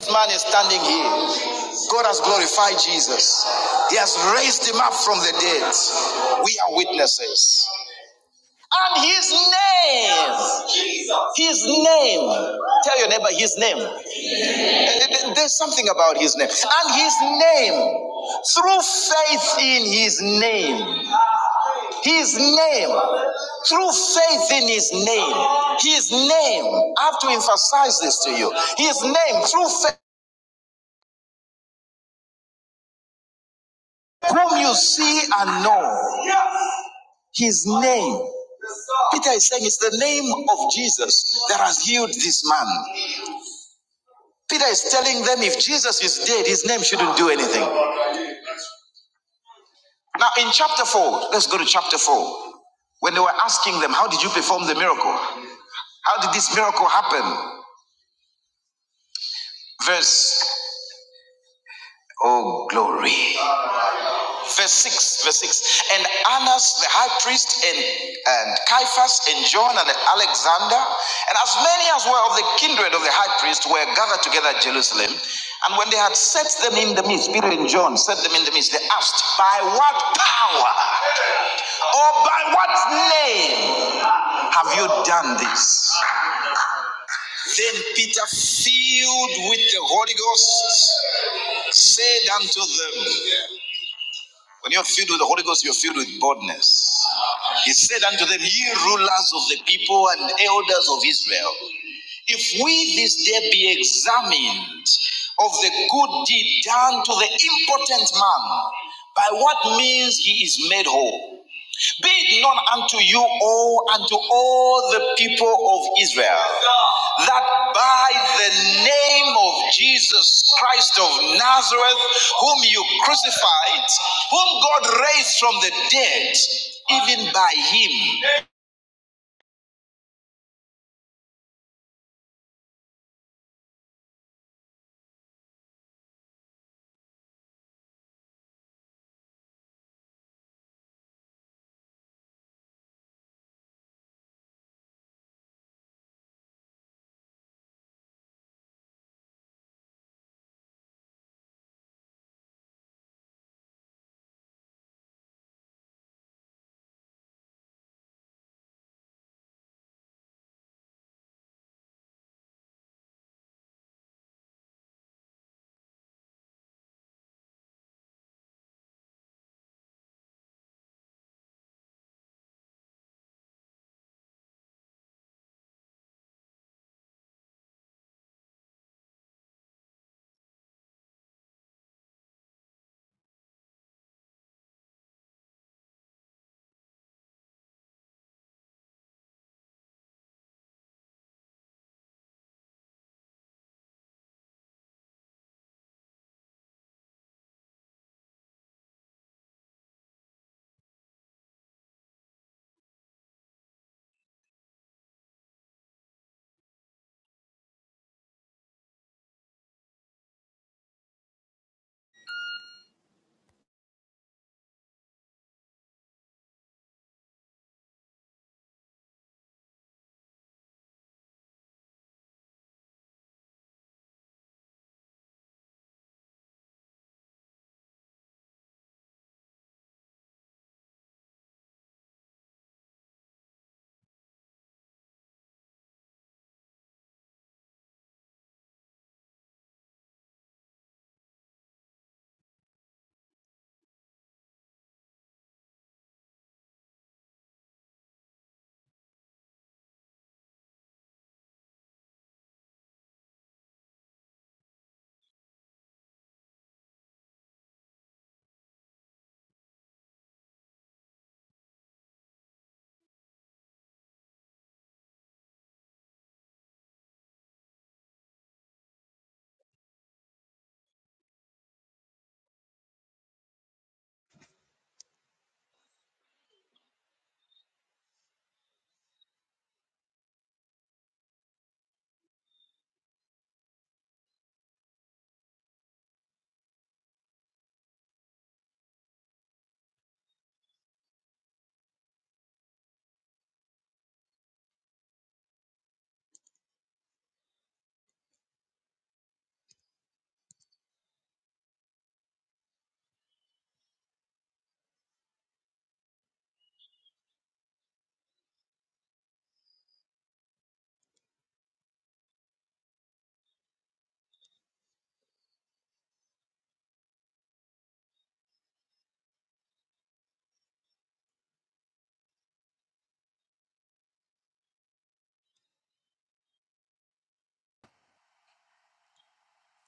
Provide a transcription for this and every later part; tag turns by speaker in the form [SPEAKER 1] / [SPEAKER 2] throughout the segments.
[SPEAKER 1] This man is standing here. God has glorified Jesus. He has raised him up from the dead. We are witnesses. And his name, his name. Tell your neighbor his name. Eh, eh, There's something about his name. And his name, through faith in his name, his name, through faith in his name, his name. I have to emphasize this to you. His name, through faith. whom you see and know, his name. Peter is saying it's the name of Jesus that has healed this man. Peter is telling them if Jesus is dead, his name shouldn't do anything. Now, in chapter 4, let's go to chapter 4. When they were asking them, How did you perform the miracle? How did this miracle happen? Verse, Oh, glory. Verse 6, verse 6. And Annas the high priest and, and Caiaphas and John and Alexander and as many as were of the kindred of the high priest were gathered together at Jerusalem. And when they had set them in the midst, Peter and John set them in the midst, they asked, By what power or by what name have you done this? Then Peter, filled with the Holy Ghost, said unto them, when you're filled with the Holy Ghost, you're filled with boldness. He said unto them, Ye rulers of the people and elders of Israel, if we this day be examined of the good deed done to the impotent man, by what means he is made whole. Be it known unto you all, unto all the people of Israel, that by the name of Jesus Christ of Nazareth, whom you crucified, whom God raised from the dead, even by him.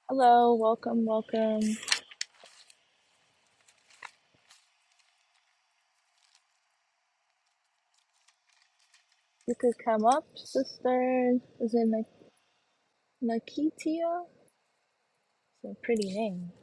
[SPEAKER 2] Hello, welcome, welcome. You could come up, sister. Is it Na- Nakitia? It's a pretty name.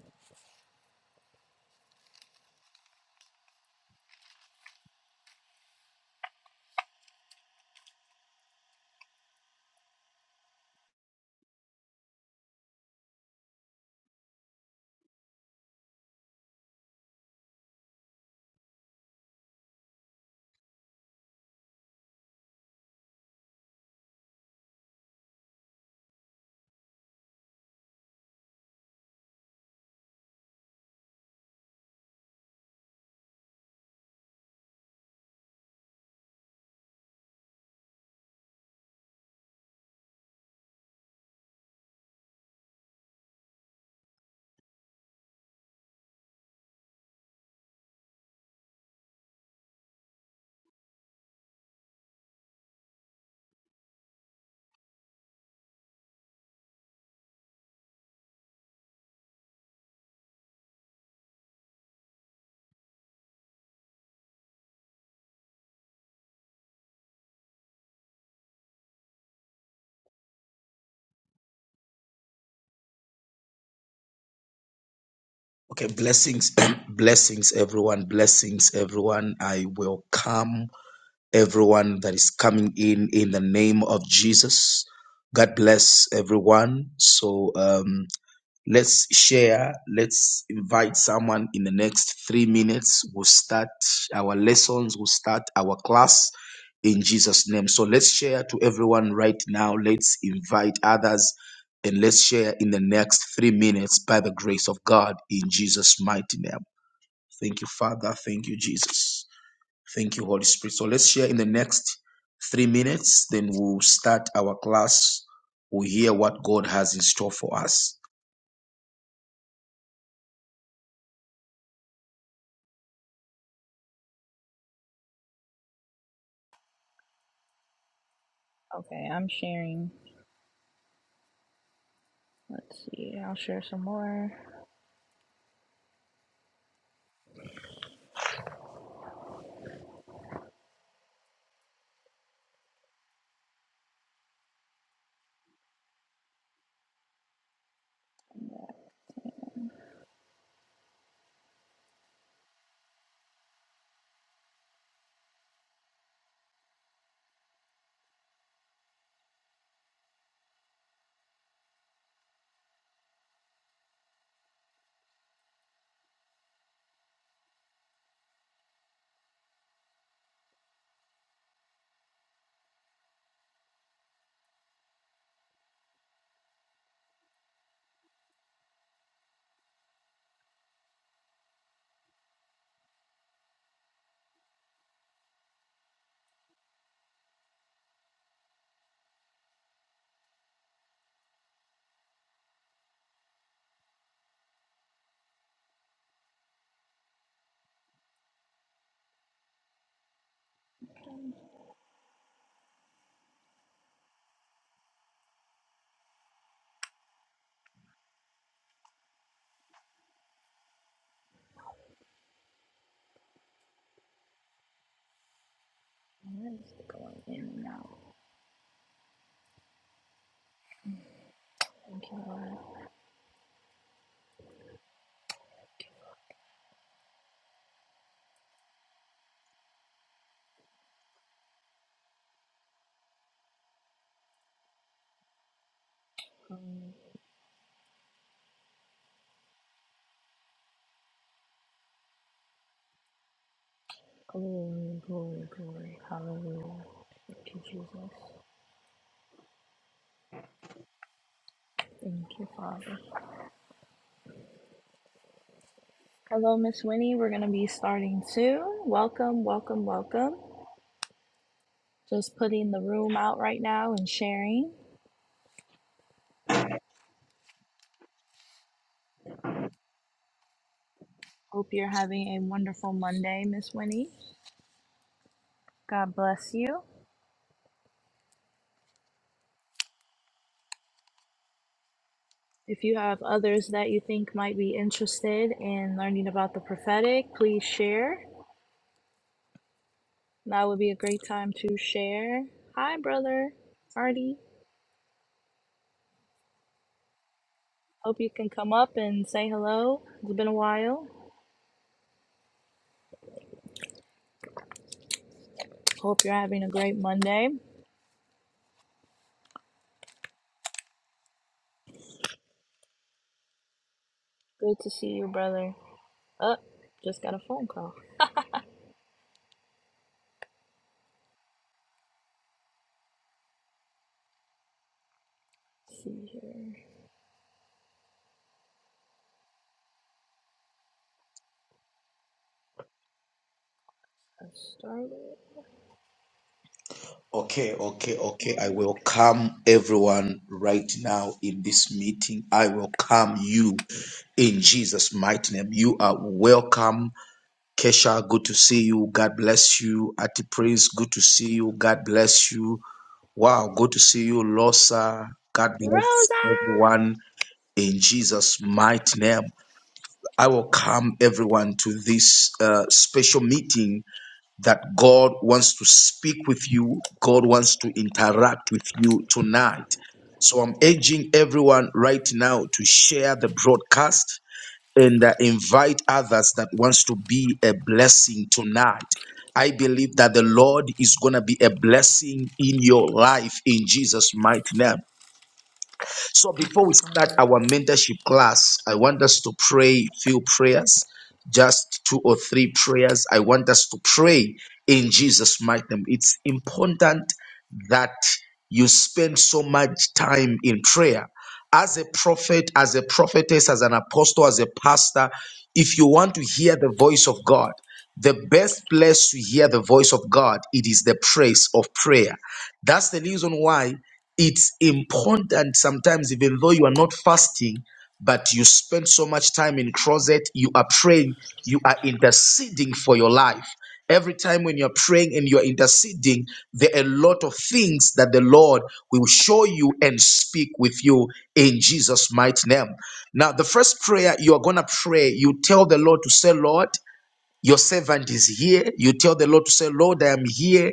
[SPEAKER 1] Okay, blessings, blessings, everyone, blessings, everyone. I welcome everyone that is coming in in the name of Jesus. God bless everyone. So, um, Let's share. Let's invite someone in the next three minutes. We'll start our lessons. We'll start our class in Jesus' name. So let's share to everyone right now. Let's invite others and let's share in the next three minutes by the grace of God in Jesus' mighty name. Thank you, Father. Thank you, Jesus. Thank you, Holy Spirit. So let's share in the next three minutes. Then we'll start our class. We'll hear what God has in store for us.
[SPEAKER 2] Okay, I'm sharing. Let's see. I'll share some more. Where is it going in and out? Thank you, Lord. Um, Glory, glory, glory. Hallelujah. Thank you, Jesus. Thank you, Father. Hello, Miss Winnie. We're going to be starting soon. Welcome, welcome, welcome. Just putting the room out right now and sharing. Hope you're having a wonderful Monday, Miss Winnie. God bless you. If you have others that you think might be interested in learning about the prophetic, please share. That would be a great time to share. Hi, brother Artie. Hope you can come up and say hello. It's been a while. Hope you're having a great Monday. Good to see you, brother. Up, just got a phone call. Let's see here, a starlet.
[SPEAKER 1] Okay, okay, okay. I
[SPEAKER 2] Okay.
[SPEAKER 1] welcome everyone right now in this meeting. I welcome you in Jesus' mighty name. You are welcome. Kesha, good to see you. God bless you. Ati Prince, good to see you. God bless you. Wow, good to see you, Losa. God bless
[SPEAKER 2] Rosa.
[SPEAKER 1] everyone in Jesus' mighty name. I welcome everyone to this uh, special meeting that God wants to speak with you, God wants to interact with you tonight. So I'm urging everyone right now to share the broadcast and uh, invite others that wants to be a blessing tonight. I believe that the Lord is going to be a blessing in your life in Jesus' mighty name. So before we start our mentorship class, I want us to pray few prayers, just two or three prayers. I want us to pray in Jesus' mighty name. It's important that you spend so much time in prayer. As a prophet, as a prophetess, as an apostle, as a pastor, if you want to hear the voice of God, the best place to hear the voice of God, it is the place of prayer. That's the reason why it's important sometimes, even though you are not fasting, but you spend so much time in closet, you are praying, you are interceding for your life. Every time when you're praying and you're interceding, there are a lot of things that the Lord will show you and speak with you in Jesus' mighty name. Now, the first prayer you are going to pray, you tell the Lord to say, Lord, your servant is here. You tell the Lord to say, Lord, I am here.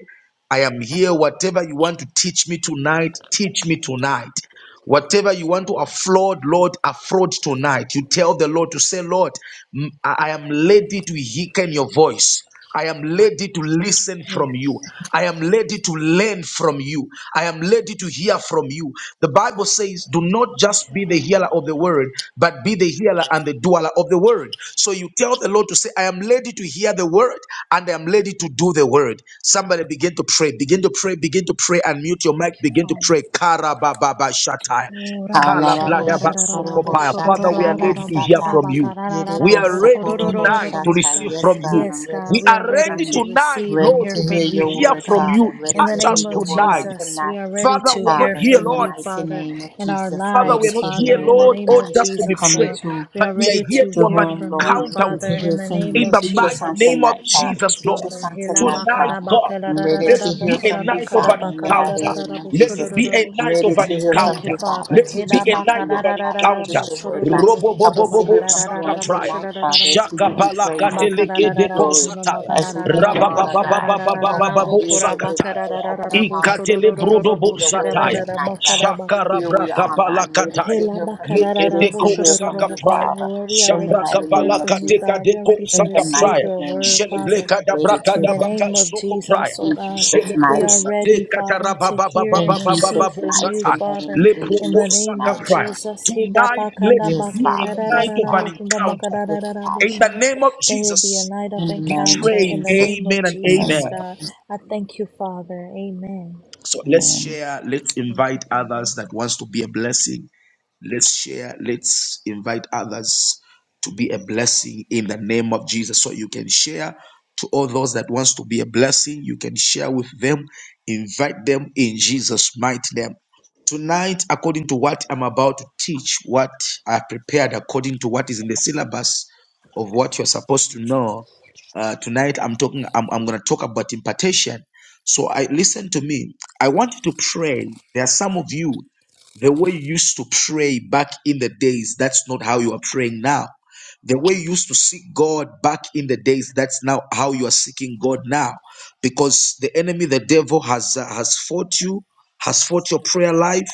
[SPEAKER 1] I am here. Whatever you want to teach me tonight, teach me tonight. Whatever you want to afford, Lord, afford tonight. You tell the Lord to say, Lord, m- I I am ready to hearken your voice. I am ready to listen from you.
[SPEAKER 2] Yes.
[SPEAKER 1] I am ready to learn from you. I am ready to hear from you. The Bible says says, Do not just
[SPEAKER 2] Thank you,
[SPEAKER 1] be the
[SPEAKER 2] Father.
[SPEAKER 1] hearer of the word, but be the hearer and the doer of the word. So you tell the Lord to say, I am ready to hear the word and I am ready to do the word. Somebody begin to pray, begin to pray, begin to pray, and mute your
[SPEAKER 2] Thank
[SPEAKER 1] mic,
[SPEAKER 2] you,
[SPEAKER 1] begin to
[SPEAKER 2] Father.
[SPEAKER 1] pray. Karababa shatai.
[SPEAKER 2] Oh, Rabba
[SPEAKER 3] Alarabo
[SPEAKER 2] shararararara, bo
[SPEAKER 3] Shakorobo
[SPEAKER 1] Kalabladabasokopaya. Father, we are
[SPEAKER 3] Shatarada
[SPEAKER 1] ready
[SPEAKER 2] shororororororo,
[SPEAKER 1] to
[SPEAKER 2] bo
[SPEAKER 1] hear
[SPEAKER 3] Sata.
[SPEAKER 1] from
[SPEAKER 2] koraba
[SPEAKER 1] you. We
[SPEAKER 3] Yerebo
[SPEAKER 1] are ready
[SPEAKER 3] Sokorobo
[SPEAKER 1] tonight to
[SPEAKER 3] Shata.
[SPEAKER 1] receive
[SPEAKER 3] Yes,
[SPEAKER 1] from
[SPEAKER 3] God,
[SPEAKER 1] you.
[SPEAKER 3] I'm
[SPEAKER 2] Yes,
[SPEAKER 3] ready
[SPEAKER 2] God,
[SPEAKER 1] We
[SPEAKER 3] to
[SPEAKER 2] we
[SPEAKER 1] are
[SPEAKER 2] are
[SPEAKER 3] hear
[SPEAKER 2] ready
[SPEAKER 1] ready
[SPEAKER 3] from
[SPEAKER 2] to
[SPEAKER 3] you.
[SPEAKER 1] tonight,
[SPEAKER 2] receive and
[SPEAKER 3] Ready
[SPEAKER 1] Lord,
[SPEAKER 2] hear
[SPEAKER 1] to
[SPEAKER 3] to
[SPEAKER 1] be
[SPEAKER 3] hear
[SPEAKER 2] from
[SPEAKER 1] to
[SPEAKER 2] you,
[SPEAKER 3] your
[SPEAKER 1] hear
[SPEAKER 2] Lord
[SPEAKER 3] word,
[SPEAKER 1] from
[SPEAKER 2] God.
[SPEAKER 3] Father.
[SPEAKER 1] you.
[SPEAKER 2] In
[SPEAKER 3] Ready
[SPEAKER 2] the
[SPEAKER 3] to
[SPEAKER 1] Touch
[SPEAKER 3] hear
[SPEAKER 2] name
[SPEAKER 1] us
[SPEAKER 3] your
[SPEAKER 2] of
[SPEAKER 3] word
[SPEAKER 1] tonight.
[SPEAKER 3] on
[SPEAKER 2] Jesus, we
[SPEAKER 3] tonight,
[SPEAKER 2] are ready
[SPEAKER 1] Father,
[SPEAKER 2] to
[SPEAKER 1] we are not
[SPEAKER 2] hear
[SPEAKER 3] Father.
[SPEAKER 1] here,
[SPEAKER 3] In
[SPEAKER 2] from
[SPEAKER 3] the
[SPEAKER 1] Lord.
[SPEAKER 2] you,
[SPEAKER 3] mighty
[SPEAKER 2] Father,
[SPEAKER 3] name of
[SPEAKER 2] in our
[SPEAKER 3] Jesus.
[SPEAKER 1] Father, we
[SPEAKER 2] lives,
[SPEAKER 3] Ready
[SPEAKER 1] are not
[SPEAKER 3] to hear
[SPEAKER 1] here,
[SPEAKER 2] Father.
[SPEAKER 3] your
[SPEAKER 2] In the
[SPEAKER 1] Lord,
[SPEAKER 3] word,
[SPEAKER 2] name
[SPEAKER 1] or
[SPEAKER 2] of
[SPEAKER 3] God.
[SPEAKER 1] just to be
[SPEAKER 2] Jesus,
[SPEAKER 3] Coming
[SPEAKER 2] Lord,
[SPEAKER 1] praised,
[SPEAKER 3] to
[SPEAKER 2] we
[SPEAKER 1] but
[SPEAKER 2] are
[SPEAKER 1] we are
[SPEAKER 2] ready
[SPEAKER 1] here
[SPEAKER 2] to
[SPEAKER 1] to
[SPEAKER 3] the
[SPEAKER 2] hear
[SPEAKER 1] have an
[SPEAKER 3] room,
[SPEAKER 2] from
[SPEAKER 3] Lord.
[SPEAKER 2] you,
[SPEAKER 3] I'm
[SPEAKER 1] encounter
[SPEAKER 3] ready
[SPEAKER 1] with
[SPEAKER 3] to
[SPEAKER 2] Father,
[SPEAKER 1] you.
[SPEAKER 2] in
[SPEAKER 3] hear
[SPEAKER 2] the
[SPEAKER 3] from
[SPEAKER 2] name
[SPEAKER 1] In
[SPEAKER 3] you.
[SPEAKER 2] of
[SPEAKER 1] the
[SPEAKER 3] Teach us
[SPEAKER 1] mighty
[SPEAKER 3] on
[SPEAKER 2] Jesus.
[SPEAKER 1] name of
[SPEAKER 3] tonight, Father.
[SPEAKER 2] Thank you,
[SPEAKER 1] Jesus,
[SPEAKER 3] Teach
[SPEAKER 1] Lord.
[SPEAKER 3] us
[SPEAKER 2] Father.
[SPEAKER 3] on tonight,
[SPEAKER 2] Hilamba
[SPEAKER 1] Tonight,
[SPEAKER 3] Father.
[SPEAKER 2] karaba
[SPEAKER 1] God,
[SPEAKER 3] I'm ready
[SPEAKER 1] let
[SPEAKER 3] to
[SPEAKER 1] it
[SPEAKER 3] hear
[SPEAKER 1] be a
[SPEAKER 3] from you,
[SPEAKER 1] night of
[SPEAKER 3] Father,
[SPEAKER 1] an
[SPEAKER 3] in the mighty
[SPEAKER 1] encounter.
[SPEAKER 3] name of
[SPEAKER 1] Let
[SPEAKER 3] Jesus.
[SPEAKER 1] it be a
[SPEAKER 3] I'm
[SPEAKER 1] night of
[SPEAKER 3] ready to
[SPEAKER 1] an
[SPEAKER 3] hear from
[SPEAKER 2] Thank you,
[SPEAKER 1] encounter.
[SPEAKER 3] you, Father.
[SPEAKER 2] Father.
[SPEAKER 1] Let it
[SPEAKER 3] Teach
[SPEAKER 1] be
[SPEAKER 2] Hida
[SPEAKER 3] us
[SPEAKER 1] a
[SPEAKER 3] on
[SPEAKER 1] night of
[SPEAKER 3] tonight,
[SPEAKER 1] an
[SPEAKER 3] God. Teach
[SPEAKER 1] encounter.
[SPEAKER 2] bakarararararabo,
[SPEAKER 3] us your word, God.
[SPEAKER 1] Robo
[SPEAKER 2] shorororobo,
[SPEAKER 3] Help
[SPEAKER 1] bobo
[SPEAKER 3] us to hear
[SPEAKER 1] bobo
[SPEAKER 3] from you
[SPEAKER 1] saka
[SPEAKER 3] on
[SPEAKER 2] kuramakarararararabo,
[SPEAKER 1] prayer.
[SPEAKER 3] tonight, Father,
[SPEAKER 2] shorororobo,
[SPEAKER 3] as we
[SPEAKER 1] Shaka
[SPEAKER 3] give you
[SPEAKER 1] palaka
[SPEAKER 3] praise, as we
[SPEAKER 1] teleke
[SPEAKER 3] give you
[SPEAKER 1] deko
[SPEAKER 2] bakarararararabo,
[SPEAKER 3] glory,
[SPEAKER 1] satire.
[SPEAKER 3] as we give you
[SPEAKER 1] Rabba
[SPEAKER 2] kuramakarararararabo,
[SPEAKER 3] honor,
[SPEAKER 1] baba
[SPEAKER 3] God.
[SPEAKER 1] baba baba
[SPEAKER 3] Open our
[SPEAKER 2] shororororororabo,
[SPEAKER 1] baba
[SPEAKER 3] ears that we can hear,
[SPEAKER 1] sakata.
[SPEAKER 3] open our
[SPEAKER 2] kuramakarararararabo,
[SPEAKER 3] hearts that
[SPEAKER 1] Ikatele
[SPEAKER 3] we can
[SPEAKER 2] shororororororabo,
[SPEAKER 1] brodobo
[SPEAKER 3] receive your word on
[SPEAKER 1] zataya.
[SPEAKER 3] tonight, God.
[SPEAKER 2] shororororororobakaramaka.
[SPEAKER 1] Shakara
[SPEAKER 3] Here we
[SPEAKER 1] braka
[SPEAKER 3] are, God, ready
[SPEAKER 1] palakataya.
[SPEAKER 3] to
[SPEAKER 2] Hela
[SPEAKER 3] hear from you,
[SPEAKER 1] Leke
[SPEAKER 3] ready
[SPEAKER 2] bakararararabo,
[SPEAKER 3] to
[SPEAKER 1] deko
[SPEAKER 3] hear from
[SPEAKER 1] saka
[SPEAKER 2] shororororobo,
[SPEAKER 3] you,
[SPEAKER 2] kura-
[SPEAKER 1] praya.
[SPEAKER 3] Father
[SPEAKER 2] Lord, we are
[SPEAKER 3] in the
[SPEAKER 2] ready
[SPEAKER 1] Shabraka
[SPEAKER 2] to
[SPEAKER 3] mighty
[SPEAKER 2] hear
[SPEAKER 3] name of
[SPEAKER 1] palaka
[SPEAKER 2] from you,
[SPEAKER 3] Jesus.
[SPEAKER 1] teka
[SPEAKER 2] God. We are
[SPEAKER 1] deko
[SPEAKER 2] ready to
[SPEAKER 3] In the
[SPEAKER 1] saka
[SPEAKER 2] receive
[SPEAKER 1] praya.
[SPEAKER 3] mighty
[SPEAKER 2] your
[SPEAKER 3] name of
[SPEAKER 2] word,
[SPEAKER 3] Jesus,
[SPEAKER 2] Father.
[SPEAKER 1] Shelebleka da
[SPEAKER 3] created
[SPEAKER 1] braka
[SPEAKER 3] to
[SPEAKER 2] In
[SPEAKER 1] da
[SPEAKER 2] the
[SPEAKER 3] him.
[SPEAKER 1] baka
[SPEAKER 2] name of
[SPEAKER 1] soko praya.
[SPEAKER 2] Jesus, oh
[SPEAKER 3] In
[SPEAKER 2] God,
[SPEAKER 3] Jesus'
[SPEAKER 2] we
[SPEAKER 1] Shelebo
[SPEAKER 2] are
[SPEAKER 3] mighty name.
[SPEAKER 2] ready,
[SPEAKER 1] sate
[SPEAKER 2] Father,
[SPEAKER 1] kataraba
[SPEAKER 2] to
[SPEAKER 1] baba
[SPEAKER 2] hear
[SPEAKER 3] In
[SPEAKER 1] baba
[SPEAKER 2] and
[SPEAKER 1] baba
[SPEAKER 2] receive
[SPEAKER 3] Jesus'
[SPEAKER 1] babu
[SPEAKER 2] from you,
[SPEAKER 3] mighty
[SPEAKER 1] satan.
[SPEAKER 2] Father.
[SPEAKER 3] name. In
[SPEAKER 2] In
[SPEAKER 1] Leproko
[SPEAKER 2] the
[SPEAKER 3] Jesus'
[SPEAKER 2] name
[SPEAKER 1] saka
[SPEAKER 2] of
[SPEAKER 3] mighty
[SPEAKER 1] praya.
[SPEAKER 3] name.
[SPEAKER 2] Jesus, May
[SPEAKER 1] Tonight, let it
[SPEAKER 3] Yes,
[SPEAKER 1] be a
[SPEAKER 3] Father. Yes,
[SPEAKER 1] night of an
[SPEAKER 3] Father.
[SPEAKER 1] encounter.
[SPEAKER 3] Yes,
[SPEAKER 1] In
[SPEAKER 3] Father.
[SPEAKER 1] the name of
[SPEAKER 2] there be a
[SPEAKER 1] Jesus,
[SPEAKER 2] night of
[SPEAKER 3] In the
[SPEAKER 1] we
[SPEAKER 3] name of
[SPEAKER 2] encounter.
[SPEAKER 1] pray,
[SPEAKER 2] In the
[SPEAKER 3] Jesus.
[SPEAKER 2] name of
[SPEAKER 1] Amen and
[SPEAKER 3] In the name
[SPEAKER 2] Jesus,
[SPEAKER 3] of
[SPEAKER 1] Amen.
[SPEAKER 2] God,
[SPEAKER 3] Jesus.
[SPEAKER 2] I thank you, Father. Amen.
[SPEAKER 1] So let's
[SPEAKER 3] Amen.
[SPEAKER 1] share, let's
[SPEAKER 2] Thank you,
[SPEAKER 1] invite
[SPEAKER 2] Father.
[SPEAKER 1] others that wants to be a blessing. Let's share, let's invite others to be a blessing in the name of Jesus. So you can share to all those that wants to be a blessing, you can share with them, invite them in Jesus mighty name. Tonight, according to what I'm about to teach, what I prepared according to what is in the syllabus of what you're supposed to know, uh, tonight i'm talking i'm, I'm going to talk about impartation so i listen to me i want you to pray there are some of you the way you used to pray back in the days that's not how you are praying now the way you used to seek god back in the days that's now how you are seeking god now because the enemy the devil has uh, has fought you has fought your prayer life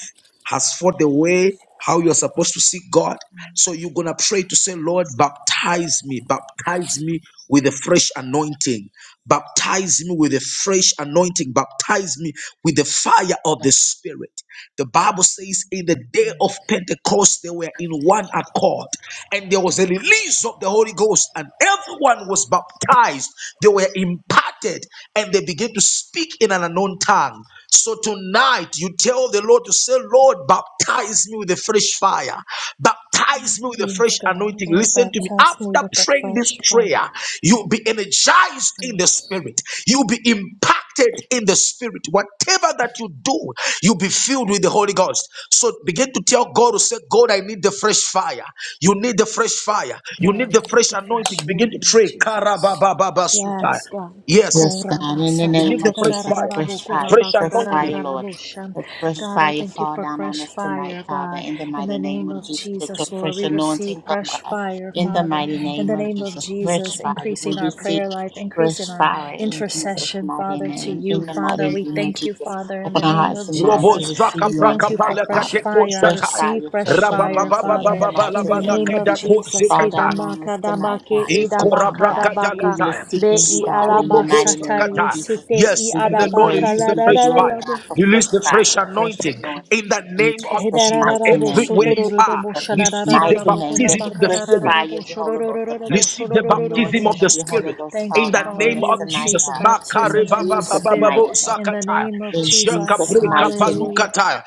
[SPEAKER 1] has fought the way how you're supposed to see God. So you're going to pray to say, Lord, baptize me, baptize me with a fresh anointing, baptize me with a fresh anointing, baptize me with the fire of the Spirit. The Bible says, in the day of
[SPEAKER 2] Yes.
[SPEAKER 1] Pentecost, they were in one accord, and there was a release of the Holy Ghost, and everyone was baptized. They were imparted, and they began to speak in an unknown tongue tongue. So tonight you tell the Lord to say, Lord, baptize me with a fresh fire. Baptize me with a
[SPEAKER 2] Yes,
[SPEAKER 1] fresh
[SPEAKER 2] God.
[SPEAKER 1] anointing.
[SPEAKER 2] Lord,
[SPEAKER 1] Listen to me.
[SPEAKER 2] baptize me
[SPEAKER 1] After
[SPEAKER 2] with the
[SPEAKER 1] praying this
[SPEAKER 2] fresh fire.
[SPEAKER 1] prayer, you'll be energized in the
[SPEAKER 2] Yes.
[SPEAKER 1] spirit. You'll be impacted in the spirit. Whatever that you do, you'll be filled with the Holy Ghost. So begin to tell God to say, God, I need the fresh fire. You need the fresh fire. You need
[SPEAKER 2] God,
[SPEAKER 1] the
[SPEAKER 2] I need
[SPEAKER 1] fresh
[SPEAKER 2] the
[SPEAKER 1] anointing.
[SPEAKER 2] fresh
[SPEAKER 1] Begin to
[SPEAKER 2] fire,
[SPEAKER 1] pray.
[SPEAKER 2] Jesus.
[SPEAKER 1] Karababababasutai.
[SPEAKER 2] Yes, God.
[SPEAKER 1] Yes.
[SPEAKER 3] Yes, God, in the
[SPEAKER 2] Korabasa ta
[SPEAKER 1] Believe
[SPEAKER 3] name
[SPEAKER 2] ta
[SPEAKER 1] the
[SPEAKER 3] of
[SPEAKER 2] da
[SPEAKER 1] fresh
[SPEAKER 2] ra ra
[SPEAKER 3] Jesus,
[SPEAKER 2] ra,
[SPEAKER 1] fire,
[SPEAKER 2] da bo,
[SPEAKER 3] fresh fire,
[SPEAKER 1] fresh
[SPEAKER 2] korabaka
[SPEAKER 3] fresh
[SPEAKER 2] ra ra ra,
[SPEAKER 1] anointing.
[SPEAKER 3] fire,
[SPEAKER 2] da da
[SPEAKER 3] Lord.
[SPEAKER 2] bo shan.
[SPEAKER 3] Let fresh
[SPEAKER 2] God, I
[SPEAKER 3] fire
[SPEAKER 2] thank you
[SPEAKER 3] fall
[SPEAKER 2] for
[SPEAKER 3] down on
[SPEAKER 2] fresh
[SPEAKER 3] us tonight,
[SPEAKER 2] fire,
[SPEAKER 3] Father,
[SPEAKER 2] God.
[SPEAKER 3] in the
[SPEAKER 2] In the
[SPEAKER 3] mighty name
[SPEAKER 2] name
[SPEAKER 3] of
[SPEAKER 2] of
[SPEAKER 3] Jesus. Let your
[SPEAKER 2] Jesus, Lord,
[SPEAKER 3] fresh
[SPEAKER 2] we receive
[SPEAKER 3] anointing come,
[SPEAKER 2] fresh
[SPEAKER 3] God,
[SPEAKER 2] fire,
[SPEAKER 3] in the
[SPEAKER 2] Father.
[SPEAKER 3] mighty
[SPEAKER 2] In
[SPEAKER 3] name
[SPEAKER 2] the
[SPEAKER 3] of
[SPEAKER 2] name of
[SPEAKER 3] Jesus. Fresh
[SPEAKER 2] Jesus,
[SPEAKER 3] fire,
[SPEAKER 2] increasing
[SPEAKER 3] we
[SPEAKER 2] our
[SPEAKER 3] receive
[SPEAKER 2] prayer life,
[SPEAKER 3] fresh
[SPEAKER 2] increasing our
[SPEAKER 3] fire in Jesus'
[SPEAKER 2] intercession,
[SPEAKER 3] mighty
[SPEAKER 2] Father, to
[SPEAKER 3] name,
[SPEAKER 2] you,
[SPEAKER 3] in the
[SPEAKER 2] Father.
[SPEAKER 3] mighty
[SPEAKER 2] We
[SPEAKER 3] name of
[SPEAKER 2] thank you,
[SPEAKER 3] Jesus.
[SPEAKER 2] Father, in the
[SPEAKER 3] Open our
[SPEAKER 2] name
[SPEAKER 3] hearts
[SPEAKER 2] of
[SPEAKER 3] and minds
[SPEAKER 1] Robo
[SPEAKER 3] to
[SPEAKER 2] Jesus.
[SPEAKER 3] receive
[SPEAKER 1] zaka
[SPEAKER 2] We
[SPEAKER 3] you on
[SPEAKER 2] thank
[SPEAKER 1] braka
[SPEAKER 2] you for
[SPEAKER 3] tonight,
[SPEAKER 1] palaka
[SPEAKER 2] fresh
[SPEAKER 3] Father.
[SPEAKER 1] teko
[SPEAKER 2] fire. I
[SPEAKER 3] Fresh
[SPEAKER 1] zakai.
[SPEAKER 2] receive
[SPEAKER 3] fire,
[SPEAKER 2] fresh
[SPEAKER 3] fresh
[SPEAKER 2] fire,
[SPEAKER 3] anointing, in
[SPEAKER 2] Father.
[SPEAKER 3] the
[SPEAKER 2] In
[SPEAKER 3] mighty
[SPEAKER 2] the
[SPEAKER 3] name
[SPEAKER 2] name
[SPEAKER 3] of
[SPEAKER 2] of
[SPEAKER 3] Jesus.
[SPEAKER 1] Rabababababababalakadako
[SPEAKER 2] Jesus,
[SPEAKER 3] Fall down
[SPEAKER 1] zekata.
[SPEAKER 3] on
[SPEAKER 2] Hidamaka
[SPEAKER 3] us tonight,
[SPEAKER 2] Dabake
[SPEAKER 3] God, as we come,
[SPEAKER 2] Idabaka
[SPEAKER 3] God.
[SPEAKER 2] Dabaka
[SPEAKER 3] Evil is
[SPEAKER 1] Inkorabrakatalata.
[SPEAKER 2] Be
[SPEAKER 3] seeking you, God, in
[SPEAKER 2] Iaraba
[SPEAKER 3] the
[SPEAKER 1] Sokoroboko
[SPEAKER 3] mighty name of
[SPEAKER 2] Sataye
[SPEAKER 1] zakata.
[SPEAKER 3] Jesus.
[SPEAKER 2] Site
[SPEAKER 1] Yes,
[SPEAKER 3] We
[SPEAKER 1] may
[SPEAKER 3] give you
[SPEAKER 1] the Lord
[SPEAKER 3] praise,
[SPEAKER 1] release
[SPEAKER 3] we
[SPEAKER 1] the
[SPEAKER 3] give you
[SPEAKER 1] fresh
[SPEAKER 3] glory,
[SPEAKER 1] fire,
[SPEAKER 2] la.
[SPEAKER 3] God, for
[SPEAKER 1] release
[SPEAKER 3] fresh
[SPEAKER 1] the
[SPEAKER 3] fire,
[SPEAKER 1] fresh
[SPEAKER 3] fresh
[SPEAKER 1] anointing
[SPEAKER 3] anointing.
[SPEAKER 1] in the
[SPEAKER 3] In
[SPEAKER 1] name of
[SPEAKER 3] Jesus'
[SPEAKER 1] Jesus.
[SPEAKER 3] mighty
[SPEAKER 2] Hedarararabo
[SPEAKER 3] name,
[SPEAKER 1] Everywhere
[SPEAKER 3] in
[SPEAKER 1] you are,
[SPEAKER 2] sotorororobo
[SPEAKER 3] Jesus'
[SPEAKER 1] receive the
[SPEAKER 3] mighty
[SPEAKER 2] shararararabo
[SPEAKER 3] name, let
[SPEAKER 1] baptism
[SPEAKER 3] the
[SPEAKER 1] of the
[SPEAKER 3] fresh
[SPEAKER 1] Spirit.
[SPEAKER 2] konabakararararabo
[SPEAKER 3] fire of the Holy Ghost, the
[SPEAKER 2] shororororobo
[SPEAKER 3] fresh
[SPEAKER 1] Receive the
[SPEAKER 2] sororororobo
[SPEAKER 1] baptism
[SPEAKER 3] anointing
[SPEAKER 1] of
[SPEAKER 3] of
[SPEAKER 1] the
[SPEAKER 2] sha-
[SPEAKER 3] the Holy
[SPEAKER 1] Spirit
[SPEAKER 3] Ghost
[SPEAKER 2] Thank
[SPEAKER 3] fall
[SPEAKER 1] in
[SPEAKER 2] you,
[SPEAKER 1] the
[SPEAKER 3] down
[SPEAKER 2] Father.
[SPEAKER 3] on
[SPEAKER 1] name
[SPEAKER 3] us
[SPEAKER 2] We
[SPEAKER 1] of
[SPEAKER 3] tonight,
[SPEAKER 2] receive the
[SPEAKER 1] Jesus.
[SPEAKER 3] God. In
[SPEAKER 2] baptism in the
[SPEAKER 3] Jesus'
[SPEAKER 2] Spirit
[SPEAKER 1] Makarebababababo
[SPEAKER 3] mighty name,
[SPEAKER 2] in the
[SPEAKER 1] zakataya.
[SPEAKER 2] name of
[SPEAKER 3] in
[SPEAKER 2] Jesus.
[SPEAKER 3] Jesus' mighty name.
[SPEAKER 2] Hallelujah.
[SPEAKER 1] Jakaprekabalukataya.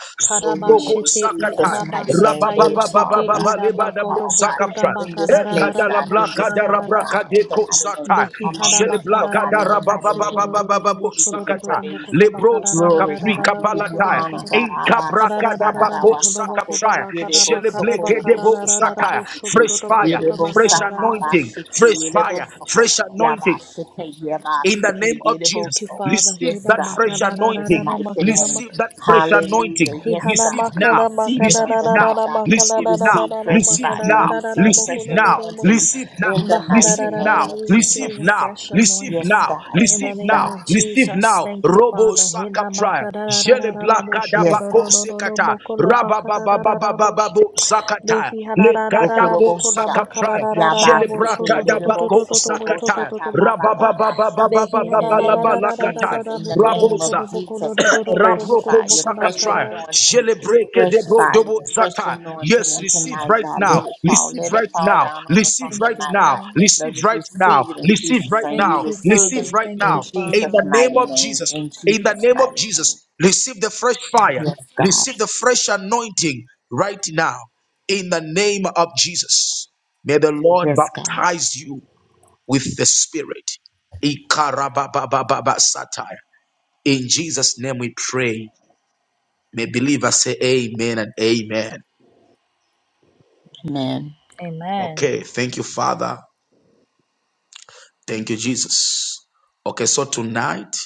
[SPEAKER 3] Amen.
[SPEAKER 1] Zoproko
[SPEAKER 3] In
[SPEAKER 2] Karabashete i
[SPEAKER 3] Jesus'
[SPEAKER 1] zakataya.
[SPEAKER 3] mighty name, let
[SPEAKER 2] arabasataye
[SPEAKER 3] it
[SPEAKER 2] sete
[SPEAKER 3] fall, God.
[SPEAKER 2] i
[SPEAKER 3] Let it
[SPEAKER 1] Rababababababalebanabo
[SPEAKER 3] fall, God.
[SPEAKER 2] rabakoroboko
[SPEAKER 1] zakapra.
[SPEAKER 3] In this place, God.
[SPEAKER 2] rabakararararabo
[SPEAKER 3] In this room, God.
[SPEAKER 2] shorarararabo.
[SPEAKER 3] In
[SPEAKER 1] Leko
[SPEAKER 3] the mighty name.
[SPEAKER 1] Zata,
[SPEAKER 2] Behihara
[SPEAKER 3] Among your people,
[SPEAKER 1] Sheleblaka
[SPEAKER 3] God. In
[SPEAKER 2] bakararara
[SPEAKER 3] the mighty name of
[SPEAKER 2] bosotorororo
[SPEAKER 3] Jesus,
[SPEAKER 1] Darababababababo
[SPEAKER 3] we give you
[SPEAKER 2] bosorororo
[SPEAKER 1] Zakata,
[SPEAKER 3] praise.
[SPEAKER 2] bokora
[SPEAKER 1] Lebro
[SPEAKER 3] Glory,
[SPEAKER 1] Zakapri
[SPEAKER 3] God. We
[SPEAKER 2] bakarararararara
[SPEAKER 3] give you
[SPEAKER 2] bokoro
[SPEAKER 1] Kapalata,
[SPEAKER 3] honor,
[SPEAKER 2] bokoro
[SPEAKER 3] God.
[SPEAKER 1] Enkabraka
[SPEAKER 2] kararararara
[SPEAKER 1] Dabako
[SPEAKER 2] bokoro
[SPEAKER 3] Abashakarabasako,
[SPEAKER 2] bokoro
[SPEAKER 1] Zakapshaya,
[SPEAKER 2] bakara
[SPEAKER 3] yerebo
[SPEAKER 2] bakara
[SPEAKER 1] Shelebleke
[SPEAKER 3] sokorobo
[SPEAKER 1] Debo
[SPEAKER 2] bakararararara
[SPEAKER 1] Zata,
[SPEAKER 3] shitabaseke,
[SPEAKER 1] fresh
[SPEAKER 2] bosorororo
[SPEAKER 1] fire.
[SPEAKER 2] bokoro
[SPEAKER 3] yerebo
[SPEAKER 1] Fresh
[SPEAKER 2] bakararara bak-
[SPEAKER 1] anointing,
[SPEAKER 3] sahabashike,
[SPEAKER 1] fresh
[SPEAKER 3] yerebo
[SPEAKER 1] fire,
[SPEAKER 3] soko,
[SPEAKER 1] fresh anointing,
[SPEAKER 3] yabashike,
[SPEAKER 1] in the name
[SPEAKER 3] yabasake,
[SPEAKER 1] of
[SPEAKER 3] yerebo
[SPEAKER 2] Thank
[SPEAKER 1] Jesus.
[SPEAKER 2] you,
[SPEAKER 3] so.
[SPEAKER 2] Father.
[SPEAKER 1] Receive
[SPEAKER 3] Yes,
[SPEAKER 2] Hida
[SPEAKER 1] that
[SPEAKER 3] God,
[SPEAKER 1] fresh
[SPEAKER 3] in Jesus'
[SPEAKER 2] makarararara
[SPEAKER 1] anointing.
[SPEAKER 3] mighty
[SPEAKER 2] makana
[SPEAKER 3] name.
[SPEAKER 1] Receive
[SPEAKER 2] makana.
[SPEAKER 1] that fresh anointing.
[SPEAKER 3] Hallelujah.
[SPEAKER 2] He
[SPEAKER 3] Yes,
[SPEAKER 2] hala
[SPEAKER 1] Receive
[SPEAKER 3] God, we
[SPEAKER 1] now.
[SPEAKER 2] makala
[SPEAKER 3] receive it
[SPEAKER 2] makala
[SPEAKER 3] on
[SPEAKER 1] Receive
[SPEAKER 2] na
[SPEAKER 3] the
[SPEAKER 2] na
[SPEAKER 1] now.
[SPEAKER 2] na
[SPEAKER 3] night,
[SPEAKER 2] na
[SPEAKER 3] God.
[SPEAKER 2] makala
[SPEAKER 3] We
[SPEAKER 1] Receive
[SPEAKER 2] na na
[SPEAKER 1] now.
[SPEAKER 2] na
[SPEAKER 3] receive
[SPEAKER 2] na na
[SPEAKER 3] fresh
[SPEAKER 1] Receive
[SPEAKER 3] fire.
[SPEAKER 2] makala na
[SPEAKER 1] now.
[SPEAKER 3] We
[SPEAKER 2] na na
[SPEAKER 3] receive
[SPEAKER 2] na
[SPEAKER 3] a
[SPEAKER 1] Receive
[SPEAKER 2] moko
[SPEAKER 3] fresh
[SPEAKER 2] na na
[SPEAKER 1] now.
[SPEAKER 2] na moko
[SPEAKER 3] anointing
[SPEAKER 1] Receive now.
[SPEAKER 3] in the
[SPEAKER 2] makala
[SPEAKER 3] mighty
[SPEAKER 1] Receive
[SPEAKER 2] na na na.
[SPEAKER 3] name
[SPEAKER 1] now.
[SPEAKER 3] of
[SPEAKER 2] We
[SPEAKER 1] Receive
[SPEAKER 2] receive a
[SPEAKER 3] Jesus.
[SPEAKER 1] now.
[SPEAKER 2] fresh
[SPEAKER 1] Receive
[SPEAKER 3] Yes,
[SPEAKER 2] anointing
[SPEAKER 1] now.
[SPEAKER 3] God.
[SPEAKER 2] in the
[SPEAKER 1] Receive
[SPEAKER 3] Yes,
[SPEAKER 2] name
[SPEAKER 1] now.
[SPEAKER 3] God.
[SPEAKER 2] of
[SPEAKER 1] Receive receive
[SPEAKER 2] Jesus.
[SPEAKER 1] now.
[SPEAKER 2] Thank you,
[SPEAKER 1] Robo
[SPEAKER 2] Father. Hida
[SPEAKER 1] Sakatra,
[SPEAKER 2] makala na na na
[SPEAKER 1] Jele
[SPEAKER 2] na na mosho
[SPEAKER 1] Blakada
[SPEAKER 2] na
[SPEAKER 3] Yes,
[SPEAKER 2] na
[SPEAKER 1] Bako
[SPEAKER 2] na
[SPEAKER 3] God.
[SPEAKER 2] na na na
[SPEAKER 1] Zekata,
[SPEAKER 2] moko na makala na na na mosho.
[SPEAKER 1] Rababababababo Zakata,
[SPEAKER 2] Behi hala na na na na
[SPEAKER 1] Lekatako
[SPEAKER 2] moko na
[SPEAKER 3] Bokorobosha.
[SPEAKER 1] Sakatra,
[SPEAKER 2] makala na na na na
[SPEAKER 1] Jele
[SPEAKER 2] mosho
[SPEAKER 3] Yabasike
[SPEAKER 2] to to
[SPEAKER 1] Brakada
[SPEAKER 2] to to
[SPEAKER 1] Bako
[SPEAKER 2] to to to mo- to to
[SPEAKER 3] Lerobosokobosha
[SPEAKER 1] Zakata,
[SPEAKER 2] to to mo- to to.
[SPEAKER 3] Tabababasha.
[SPEAKER 2] Behi
[SPEAKER 3] In the
[SPEAKER 2] hala na na
[SPEAKER 3] name
[SPEAKER 2] na
[SPEAKER 3] of
[SPEAKER 2] na na na
[SPEAKER 3] Jesus,
[SPEAKER 2] na
[SPEAKER 1] Rabababababababalakata,
[SPEAKER 2] na
[SPEAKER 3] in the
[SPEAKER 2] moko na
[SPEAKER 3] name
[SPEAKER 2] moko
[SPEAKER 3] of
[SPEAKER 2] na
[SPEAKER 1] Rabosa.
[SPEAKER 2] moko na
[SPEAKER 3] Jesus,
[SPEAKER 2] na na na
[SPEAKER 3] fresh
[SPEAKER 2] na moko
[SPEAKER 1] Rabroko
[SPEAKER 2] na
[SPEAKER 3] fire,
[SPEAKER 2] moko na
[SPEAKER 3] fresh
[SPEAKER 1] Zakatra,
[SPEAKER 2] kara.
[SPEAKER 3] anointing,
[SPEAKER 1] Jelebreke
[SPEAKER 3] fresh
[SPEAKER 1] Debo
[SPEAKER 3] fire,
[SPEAKER 1] Dobo
[SPEAKER 3] fresh
[SPEAKER 1] Zata. Yes,
[SPEAKER 3] anointing on
[SPEAKER 1] receive
[SPEAKER 3] tonight,
[SPEAKER 1] right
[SPEAKER 3] God.
[SPEAKER 1] now,
[SPEAKER 3] Let it fall.
[SPEAKER 1] receive
[SPEAKER 3] Let it
[SPEAKER 1] right
[SPEAKER 3] fall
[SPEAKER 1] now,
[SPEAKER 3] down on us
[SPEAKER 1] receive
[SPEAKER 3] on
[SPEAKER 1] right
[SPEAKER 2] Thank you,
[SPEAKER 3] tonight,
[SPEAKER 1] now,
[SPEAKER 3] God.
[SPEAKER 2] Father.
[SPEAKER 1] receive
[SPEAKER 3] Let us
[SPEAKER 1] right now,
[SPEAKER 3] receive it in
[SPEAKER 1] receive
[SPEAKER 3] Jesus'
[SPEAKER 1] right
[SPEAKER 3] name. We
[SPEAKER 1] now,
[SPEAKER 2] Thank you,
[SPEAKER 3] receive
[SPEAKER 1] receive
[SPEAKER 3] it
[SPEAKER 2] Father.
[SPEAKER 1] right
[SPEAKER 2] Thank
[SPEAKER 3] in
[SPEAKER 2] you,
[SPEAKER 1] now. In
[SPEAKER 3] Jesus'
[SPEAKER 1] the
[SPEAKER 2] Father.
[SPEAKER 1] name
[SPEAKER 3] mighty
[SPEAKER 1] of
[SPEAKER 3] name.
[SPEAKER 1] Jesus,
[SPEAKER 3] In
[SPEAKER 1] in the
[SPEAKER 3] Jesus'
[SPEAKER 1] name of
[SPEAKER 3] mighty name.
[SPEAKER 1] Jesus, receive the fresh fire,
[SPEAKER 3] Yes, God.
[SPEAKER 1] receive the fresh anointing right now. In the name of Jesus, may the Lord
[SPEAKER 3] Yes, God.
[SPEAKER 1] baptize you with the Spirit. Ikarababababa satire. In Jesus' name we pray. May believers say amen and amen.
[SPEAKER 3] Amen.
[SPEAKER 2] Amen.
[SPEAKER 1] Okay, thank you, Father. Thank you, Jesus. Okay, so tonight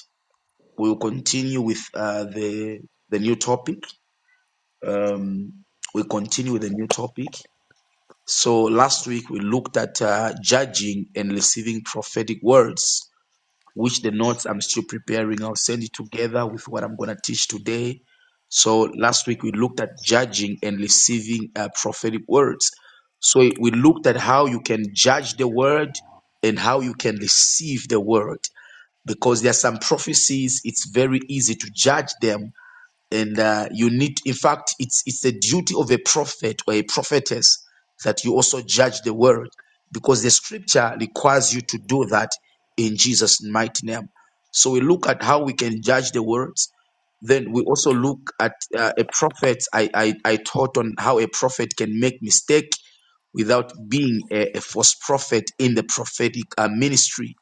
[SPEAKER 1] we will continue with uh, the the new topic. Um, we continue with the new topic. So last week we looked at uh, judging and receiving prophetic words. which the notes I'm still preparing. I'll send it together with what I'm going to teach today. So last week we looked at judging and receiving uh, prophetic words. So we looked at how you can judge the word and how you can receive the word because there are some prophecies it's very easy to judge them and uh, you need in fact it's it's the duty of a prophet or a prophetess that you also judge the world because the scripture requires you to do that in jesus mighty name so we look at how we can judge the words then we also look at uh, a prophet I, I i taught on how a prophet can make mistake without being a, a false prophet in the prophetic uh, ministry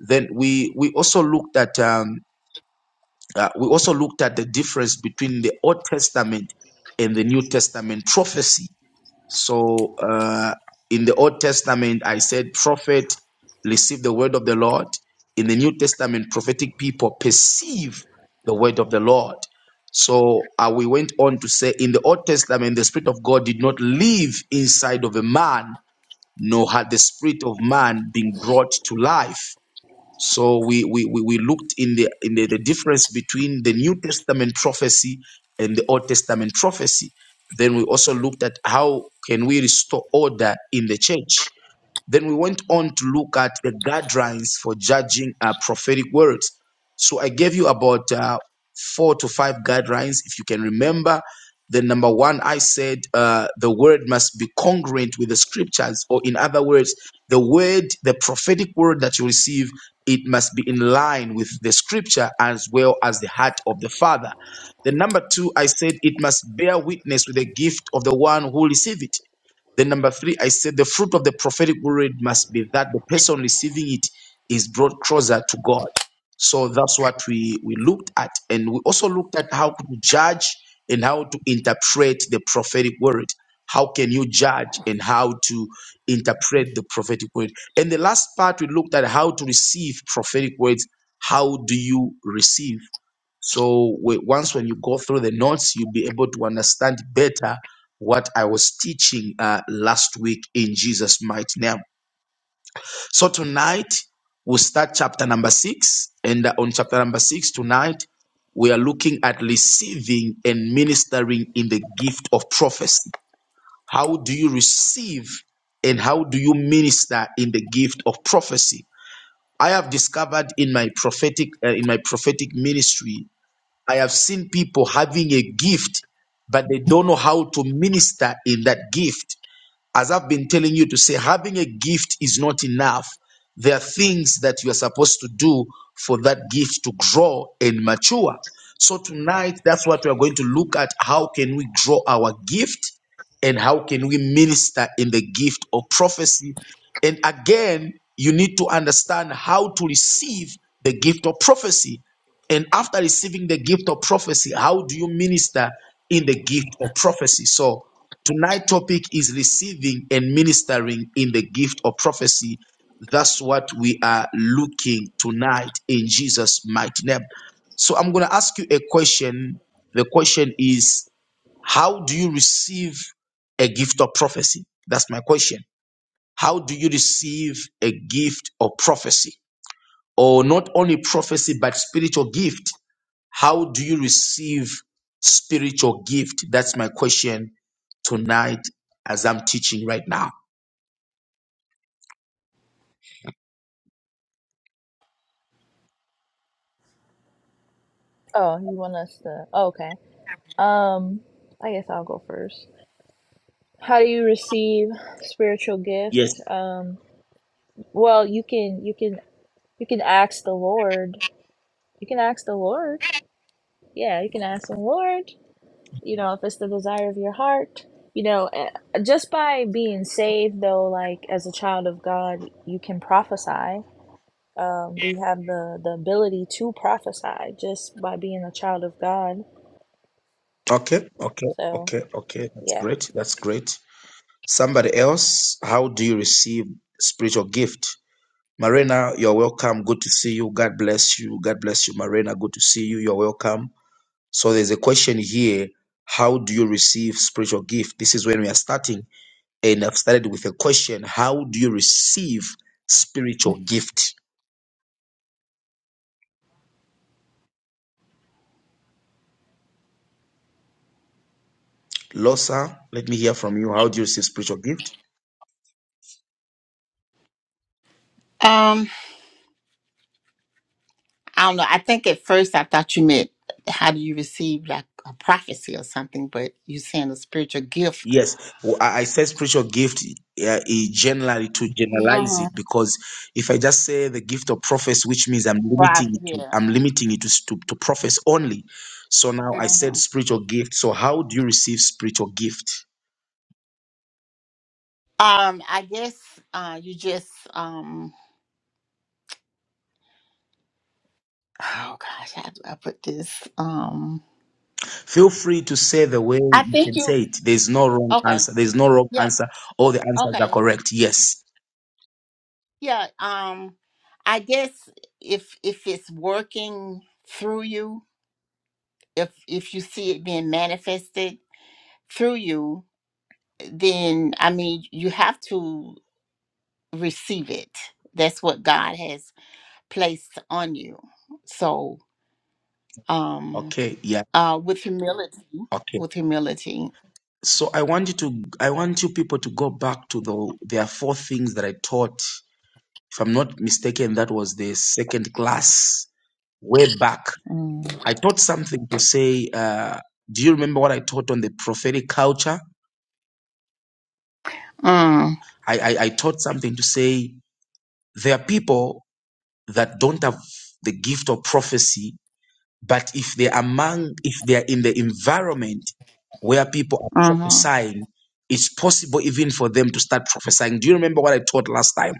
[SPEAKER 1] then we we also looked at um, uh, we also looked at the difference between the Old Testament and the New Testament prophecy. So, uh, in the Old Testament, I said prophet receive the word of the Lord. In the New Testament, prophetic people perceive the word of the Lord. So uh, we went on to say in the Old Testament, the Spirit of God did not live inside of a man, nor had the Spirit of man been brought to life. So we we we, we looked in the in the, the difference between the New Testament prophecy and the Old Testament prophecy. Then we also looked at how can we restore order in the church then we went on to look at the guidelines for judging uh, prophetic words. So I gave you about uh, four to five guidelines, if you can remember. The number one, I said uh, the word must be congruent with the scriptures, or in other words, the word, the prophetic word that you receive, it must be in line with the scripture as well as the heart of the Father. The number two, I said it must bear witness with the gift of the one who receives it. Then number three, I said the fruit of the prophetic word must be that the person receiving it is brought closer to God. So that's what we, we looked at. And we also looked at how to judge and how to interpret the prophetic word. How can you judge and how to interpret the prophetic word? And the last part, we looked at how to receive prophetic words. How do you receive? So we, once when you go through the notes, you'll be able to understand better what I was teaching uh, last week in Jesus' mighty name. So tonight we'll start chapter number six, and uh, on chapter number six tonight we are looking at receiving and ministering in the gift of prophecy. How do you receive and how do you minister in the gift of prophecy? I have discovered in my prophetic uh, in my prophetic ministry I have seen people having a gift, but they don't know how to minister in that gift. As I've been telling you to say, having a gift is not enough. There are things that you are supposed to do for that gift to grow and mature. So tonight, that's what we are going to look at. How can we grow our gift and how can we minister in the gift of prophecy? And again, you need to understand how to receive the gift of prophecy. And after receiving the gift of prophecy, how do you minister in the gift of prophecy? So Tonight' topic is receiving and ministering in the gift of prophecy. That's what we are looking tonight in Jesus' mighty name. So I'm going to ask you a question. The question is, how do you receive a gift of prophecy? That's my question. How do you receive a gift of prophecy? Or not only prophecy, but spiritual gift. How do you receive spiritual gift? That's my question tonight as I'm teaching right now.
[SPEAKER 2] Oh, you want us to? Oh, okay. Um, I guess I'll go first. How do you receive spiritual
[SPEAKER 1] Yes.
[SPEAKER 2] gift? Um, well, you can you can you can ask the Lord. You can ask the Lord. Yeah, you can ask the Lord. You know, if it's the desire of your heart. You know, eh, just by being saved, though, like as a child of God, you can prophesy Um, we have the, the ability to prophesy just by being a child of God.
[SPEAKER 1] Okay. Okay.
[SPEAKER 2] So,
[SPEAKER 1] Okay. Okay. That's
[SPEAKER 2] yeah.
[SPEAKER 1] great. That's great. Somebody else, how do you receive spiritual gift? Marina, you're welcome. Good to see you. God bless you. God bless you, Marina. Good to see you. You're welcome. So there's a question here. How do you receive spiritual gift? This is when we are starting. And I've started with a question. How do you receive spiritual gift? Losa, let me hear from you. How do you receive spiritual gift?
[SPEAKER 3] Um, I don't know. I think at first I thought you meant how do you receive like a prophecy or something, but you're saying a spiritual gift.
[SPEAKER 1] Yes, Well, I I said spiritual gift uh, is generally to generalize
[SPEAKER 3] Uh-huh.
[SPEAKER 1] it because if I just say the gift of prophecy, which means I'm
[SPEAKER 3] Right.
[SPEAKER 1] limiting it to
[SPEAKER 3] Yeah.
[SPEAKER 1] I'm limiting it to s- to, to prophets only. So now I said
[SPEAKER 3] Uh-huh.
[SPEAKER 1] spiritual gift. So how do you receive spiritual gift?
[SPEAKER 3] Um, I guess uh you just um oh gosh, how do I put this? Um
[SPEAKER 1] Feel free to say the way
[SPEAKER 3] I
[SPEAKER 1] you
[SPEAKER 3] think
[SPEAKER 1] can
[SPEAKER 3] you
[SPEAKER 1] say it. There's no wrong
[SPEAKER 3] okay.
[SPEAKER 1] answer. There's no wrong
[SPEAKER 3] Yeah,
[SPEAKER 1] answer. All the answers are
[SPEAKER 3] okay.
[SPEAKER 1] correct. Yes.
[SPEAKER 3] Yeah, um I guess if if it's working through you, if if you see it being manifested through you, then I mean you have to receive it. That's what God has placed on you. So, um,
[SPEAKER 1] Okay. Yeah.
[SPEAKER 3] uh, with humility,
[SPEAKER 1] Okay.
[SPEAKER 3] with humility.
[SPEAKER 1] So I want you to I want you people to go back to the there are four things that I taught If I'm not mistaken, that was the second class way back.
[SPEAKER 3] Mm.
[SPEAKER 1] I taught something to say, uh, do you remember what I taught on the prophetic culture?
[SPEAKER 3] Mm.
[SPEAKER 1] I, I, I taught something to say, there are people that don't have the gift of prophecy, but if they're among, if they're in the environment where people are
[SPEAKER 3] hmm
[SPEAKER 1] prophesying, it's possible even for them to start prophesying. Do you remember what I taught last time?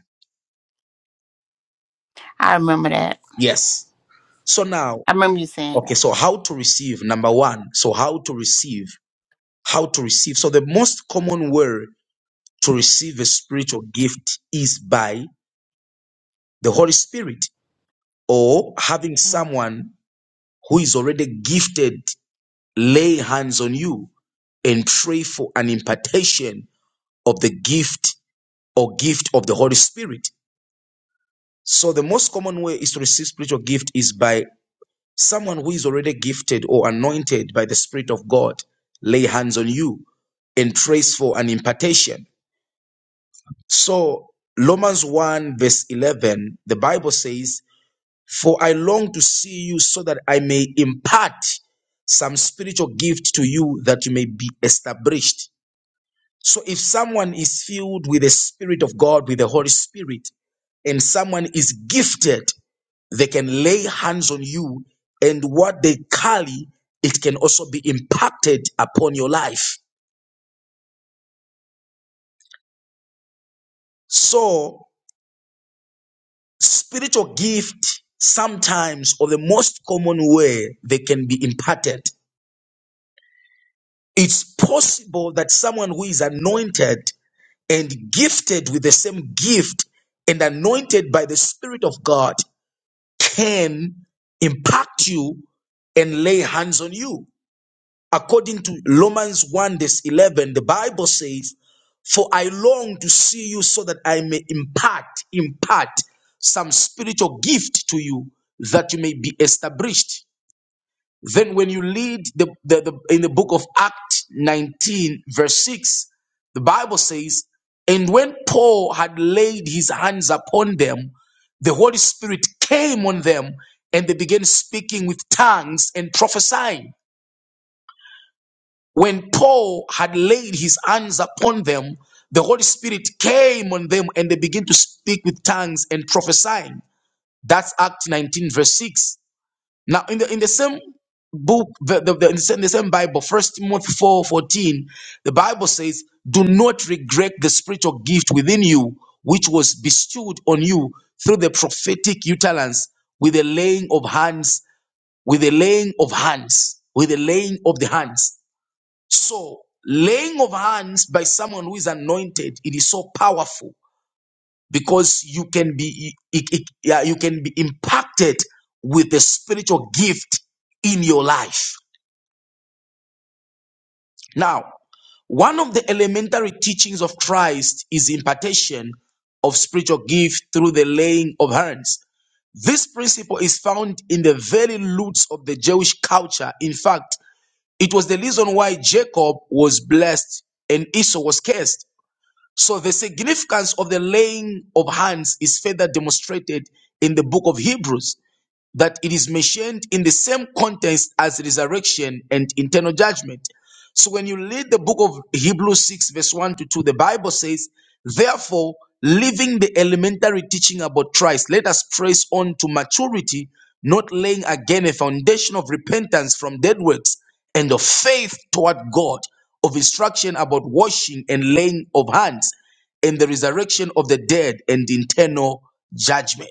[SPEAKER 3] I remember that.
[SPEAKER 1] Yes. So now,
[SPEAKER 3] I remember you saying
[SPEAKER 1] okay,
[SPEAKER 3] that.
[SPEAKER 1] so how to receive, number one. So, how to receive. how to receive. So the most common way to receive a spiritual gift is by the Holy Spirit or having
[SPEAKER 3] Mm.
[SPEAKER 1] someone who is already gifted lay hands on you and pray for an impartation of the gift or gift of the Holy Spirit. So the most common way is to receive spiritual gift is by someone who is already gifted or anointed by the Spirit of God lay hands on you and prays for an impartation. So, Romans 1, verse 11, the Bible says, For I long to see you so that I may impart some spiritual gift to you that you may be established. So, if someone is filled with the Spirit of God, with the Holy Spirit, and someone is gifted, they can lay hands on you, and what they carry, it can also be impacted upon your life. So, Spiritual gift sometimes or the most common way they can be imparted. It's possible that someone who is anointed and gifted with the same gift and anointed by the Spirit of God can impact you and lay hands on you. According to Romans 1, verse 11, the Bible says, For I long to see you so that I may impart, impart some spiritual gift to you that you may be established. Then, when you read the, the, the, in the book of Acts 19, verse 6, the Bible says, And when Paul had laid his hands upon them, the Holy Spirit came on them and they began speaking with tongues and prophesying. When Paul had laid his hands upon them, the Holy Spirit came on them and they began to speak with tongues and prophesying. That's Acts 19, verse 6. Now, in the in the same book, the, the, the- in, the same, the same Bible, First Timothy 4 14, the Bible says, Do not regret the spiritual gift within you, which was bestowed on you through the prophetic utterance with the laying of hands, with the laying of hands, with the laying of the hands. So, laying of hands by someone who is anointed, it is so powerful because you can be it- it- yeah, you can be impacted with the spiritual gift in your life. Now, one of the elementary teachings of Christ is impartation of spiritual gift through the laying of hands. This principle is found in the very roots of the Jewish culture. In fact, it was the reason why Jacob was blessed and Esau was cursed. So the significance of the laying of hands is further demonstrated in the book of Hebrews that it is mentioned in the same context as resurrection and internal judgment. So when you read the book of Hebrews 6, verse 1 to 2, the Bible says, Therefore, leaving the elementary teaching about Christ, let us press on to maturity, not laying again a foundation of repentance from dead works and of faith toward God, of instruction about washing and laying of hands, and the resurrection of the dead and internal judgment.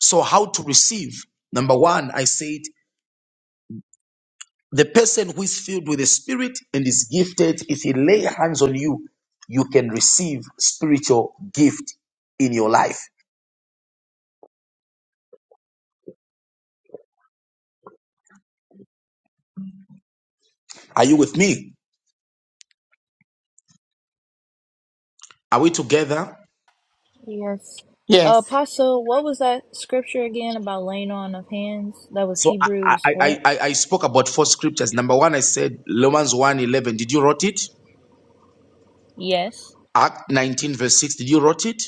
[SPEAKER 1] So, how to receive? Number one, I said, the person who is filled with the Spirit and is gifted, if he lay hands on you, you can receive spiritual gift in your life. Are you with me? Are we together?
[SPEAKER 2] Yes. Uh,
[SPEAKER 3] Yes.
[SPEAKER 2] Apostle, what was that scripture again about laying on of hands? That was
[SPEAKER 1] So I I,
[SPEAKER 2] Hebrews what?
[SPEAKER 1] I, I I spoke about four scriptures. Number one, I said Romans one eleven. Did you wrote it?
[SPEAKER 2] Yes.
[SPEAKER 1] Act 19, verse 6, did you wrote it?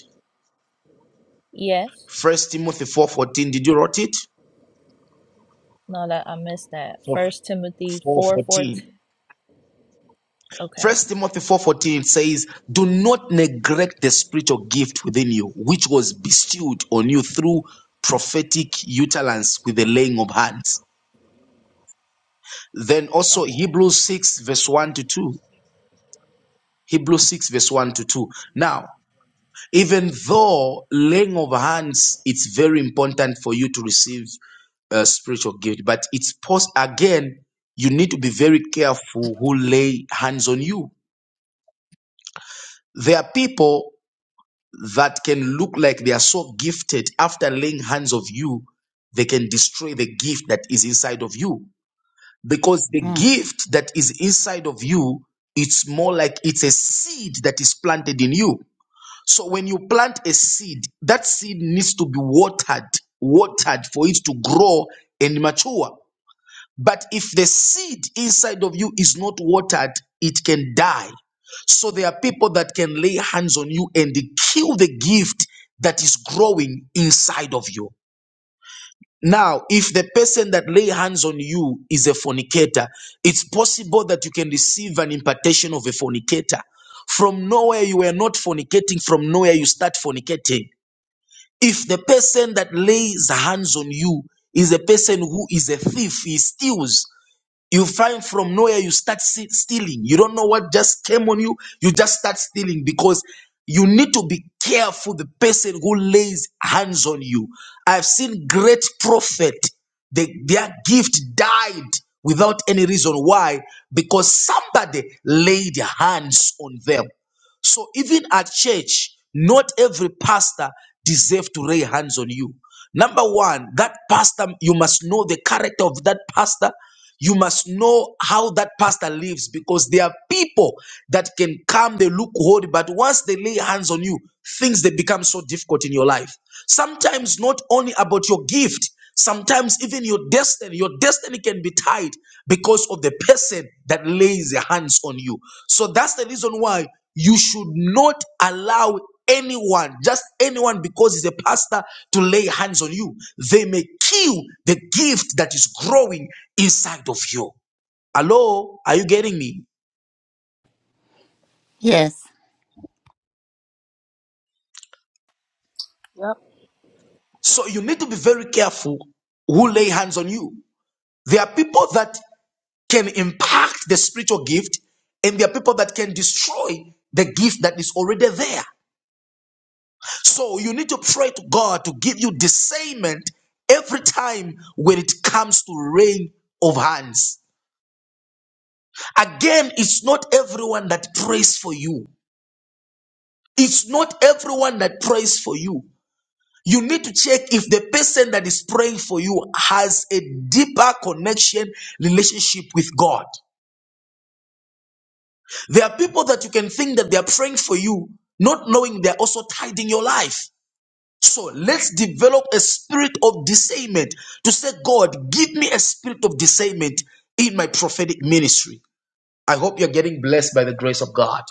[SPEAKER 2] Yes.
[SPEAKER 1] First Timothy 4:14, did you wrote it?
[SPEAKER 2] No, that I missed that. First Timothy four
[SPEAKER 1] 4:14.
[SPEAKER 2] fourteen. Okay.
[SPEAKER 1] First Timothy 4:14 says, "Do not neglect the spiritual gift within you, which was bestowed on you through prophetic utterance with the laying of hands." Then also
[SPEAKER 2] Okay.
[SPEAKER 1] Hebrews 6 verse 1 to 2. Hebrews 6 verse 1 to 2. Now, even though laying of hands, it's very important for you to receive a spiritual gift, but it's post again, you need to be very careful who lay hands on you. There are people that can look like they are so gifted after laying hands of you they can destroy the gift that is inside of you because the
[SPEAKER 3] Mm.
[SPEAKER 1] gift that is inside of you it's more like it's a seed that is planted in you so when you plant a seed that seed needs to be watered watered for it to grow and mature but if the seed inside of you is not watered, it can die. So there are people that can lay hands on you and kill the gift that is growing inside of you. Now, if the person that lay hands on you is a fornicator, it's possible that you can receive an impartation of a fornicator. From nowhere you were not fornicating, from nowhere you start fornicating. If the person that lays hands on you is a person who is a thief, he steals, you find from nowhere, you start se- stealing. You don't know what just came on you. You just start stealing because you need to be careful the person who lays hands on you. I've seen great prophet, they, their gift died without any reason. Why? Because somebody laid hands on them. So even at church, not every pastor deserves to lay hands on you. Number one, that pastor, you must know the character of that pastor. You must know how that pastor lives because there are people that can come, they look holy, but once they lay hands on you, things they become so difficult in your life. Sometimes not only about your gift, Sometimes even your destiny, your destiny can be tied because of the person that lays their hands on you. So that's the reason why you should not allow anyone, just anyone because he's a pastor to lay hands on you. They may kill the gift that is growing inside of you. Hello, are you getting me?
[SPEAKER 3] Yes.
[SPEAKER 2] Yep.
[SPEAKER 1] So you need to be very careful who lay hands on you. There are people that can impact the spiritual gift, and there are people that can destroy the gift that is already there. So you need to pray to God to give you discernment every time when it comes to laying of hands. Again, it's not everyone that prays for you. It's not everyone that prays for you. You need to check if the person that is praying for you has a deeper connection, relationship with God. There are people that you can think that they are praying for you, not knowing they're also tithing your life. So let's develop a spirit of discernment to say, God, give me a spirit of discernment in my prophetic ministry. I hope you're getting blessed by the grace of God.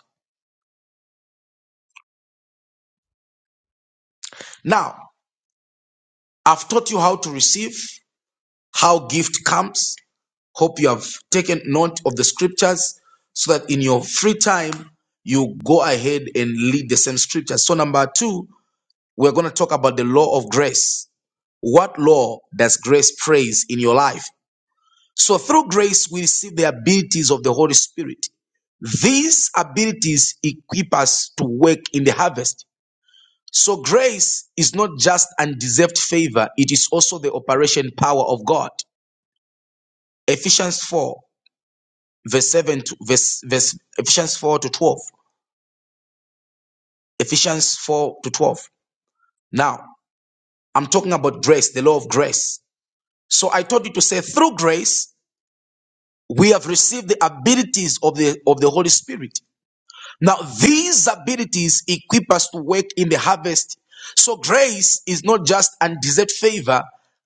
[SPEAKER 1] Now, I've taught you how to receive, how gift comes. Hope you have taken note of the scriptures so that in your free time, you go ahead and lead the same scriptures. So, number two, we're going to talk about the law of grace. What law does grace praise in your life? So through grace, we see the abilities of the Holy Spirit. These abilities equip us to work in the harvest. So grace is not just undeserved favor. It is also the operation power of God. Ephesians 4 verse 7 to verse, verse Ephesians 4 to 12. Ephesians 4 to 12. Now, I'm talking about grace, the law of grace. So I told you to say through grace, we have received the abilities of the of the holy spirit now these abilities equip us to work in the harvest so grace is not just undeserved favor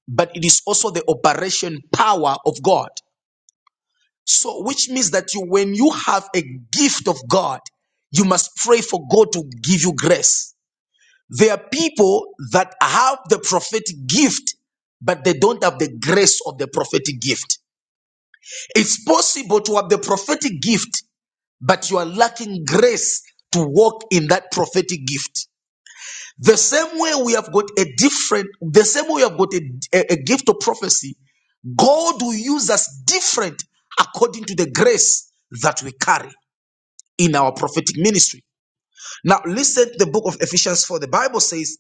[SPEAKER 1] but it is also the operation power of god so which means that you when you have a gift of god you must pray for god to give you grace there are people that have the prophetic gift but they don't have the grace of the prophetic gift. It's possible to have the prophetic gift but you are lacking grace to walk in that prophetic gift. The same way we have got a different, the same way we have got a, a, a gift of prophecy, God will use us different according to the grace that we carry in our prophetic ministry. Now, listen to the book of Ephesians 4. The Bible says,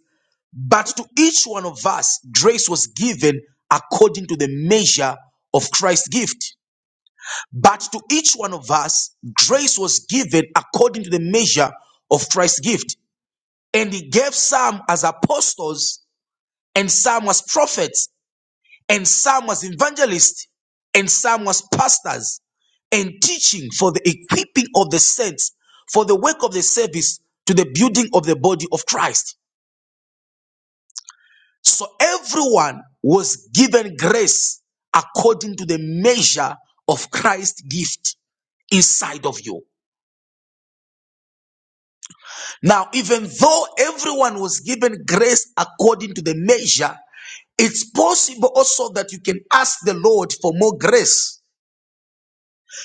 [SPEAKER 1] But to each one of us, grace was given according to the measure of Christ's gift. But to each one of us, grace was given according to the measure of Christ's gift. And he gave some as apostles, and some as prophets, and some as evangelists, and some as pastors, and teaching for the equipping of the saints, for the work of the service, to the building of the body of Christ. So everyone was given grace according to the measure of Christ's gift inside of you. Now, even though everyone was given grace according to the measure, it's possible also that you can ask the Lord for more grace.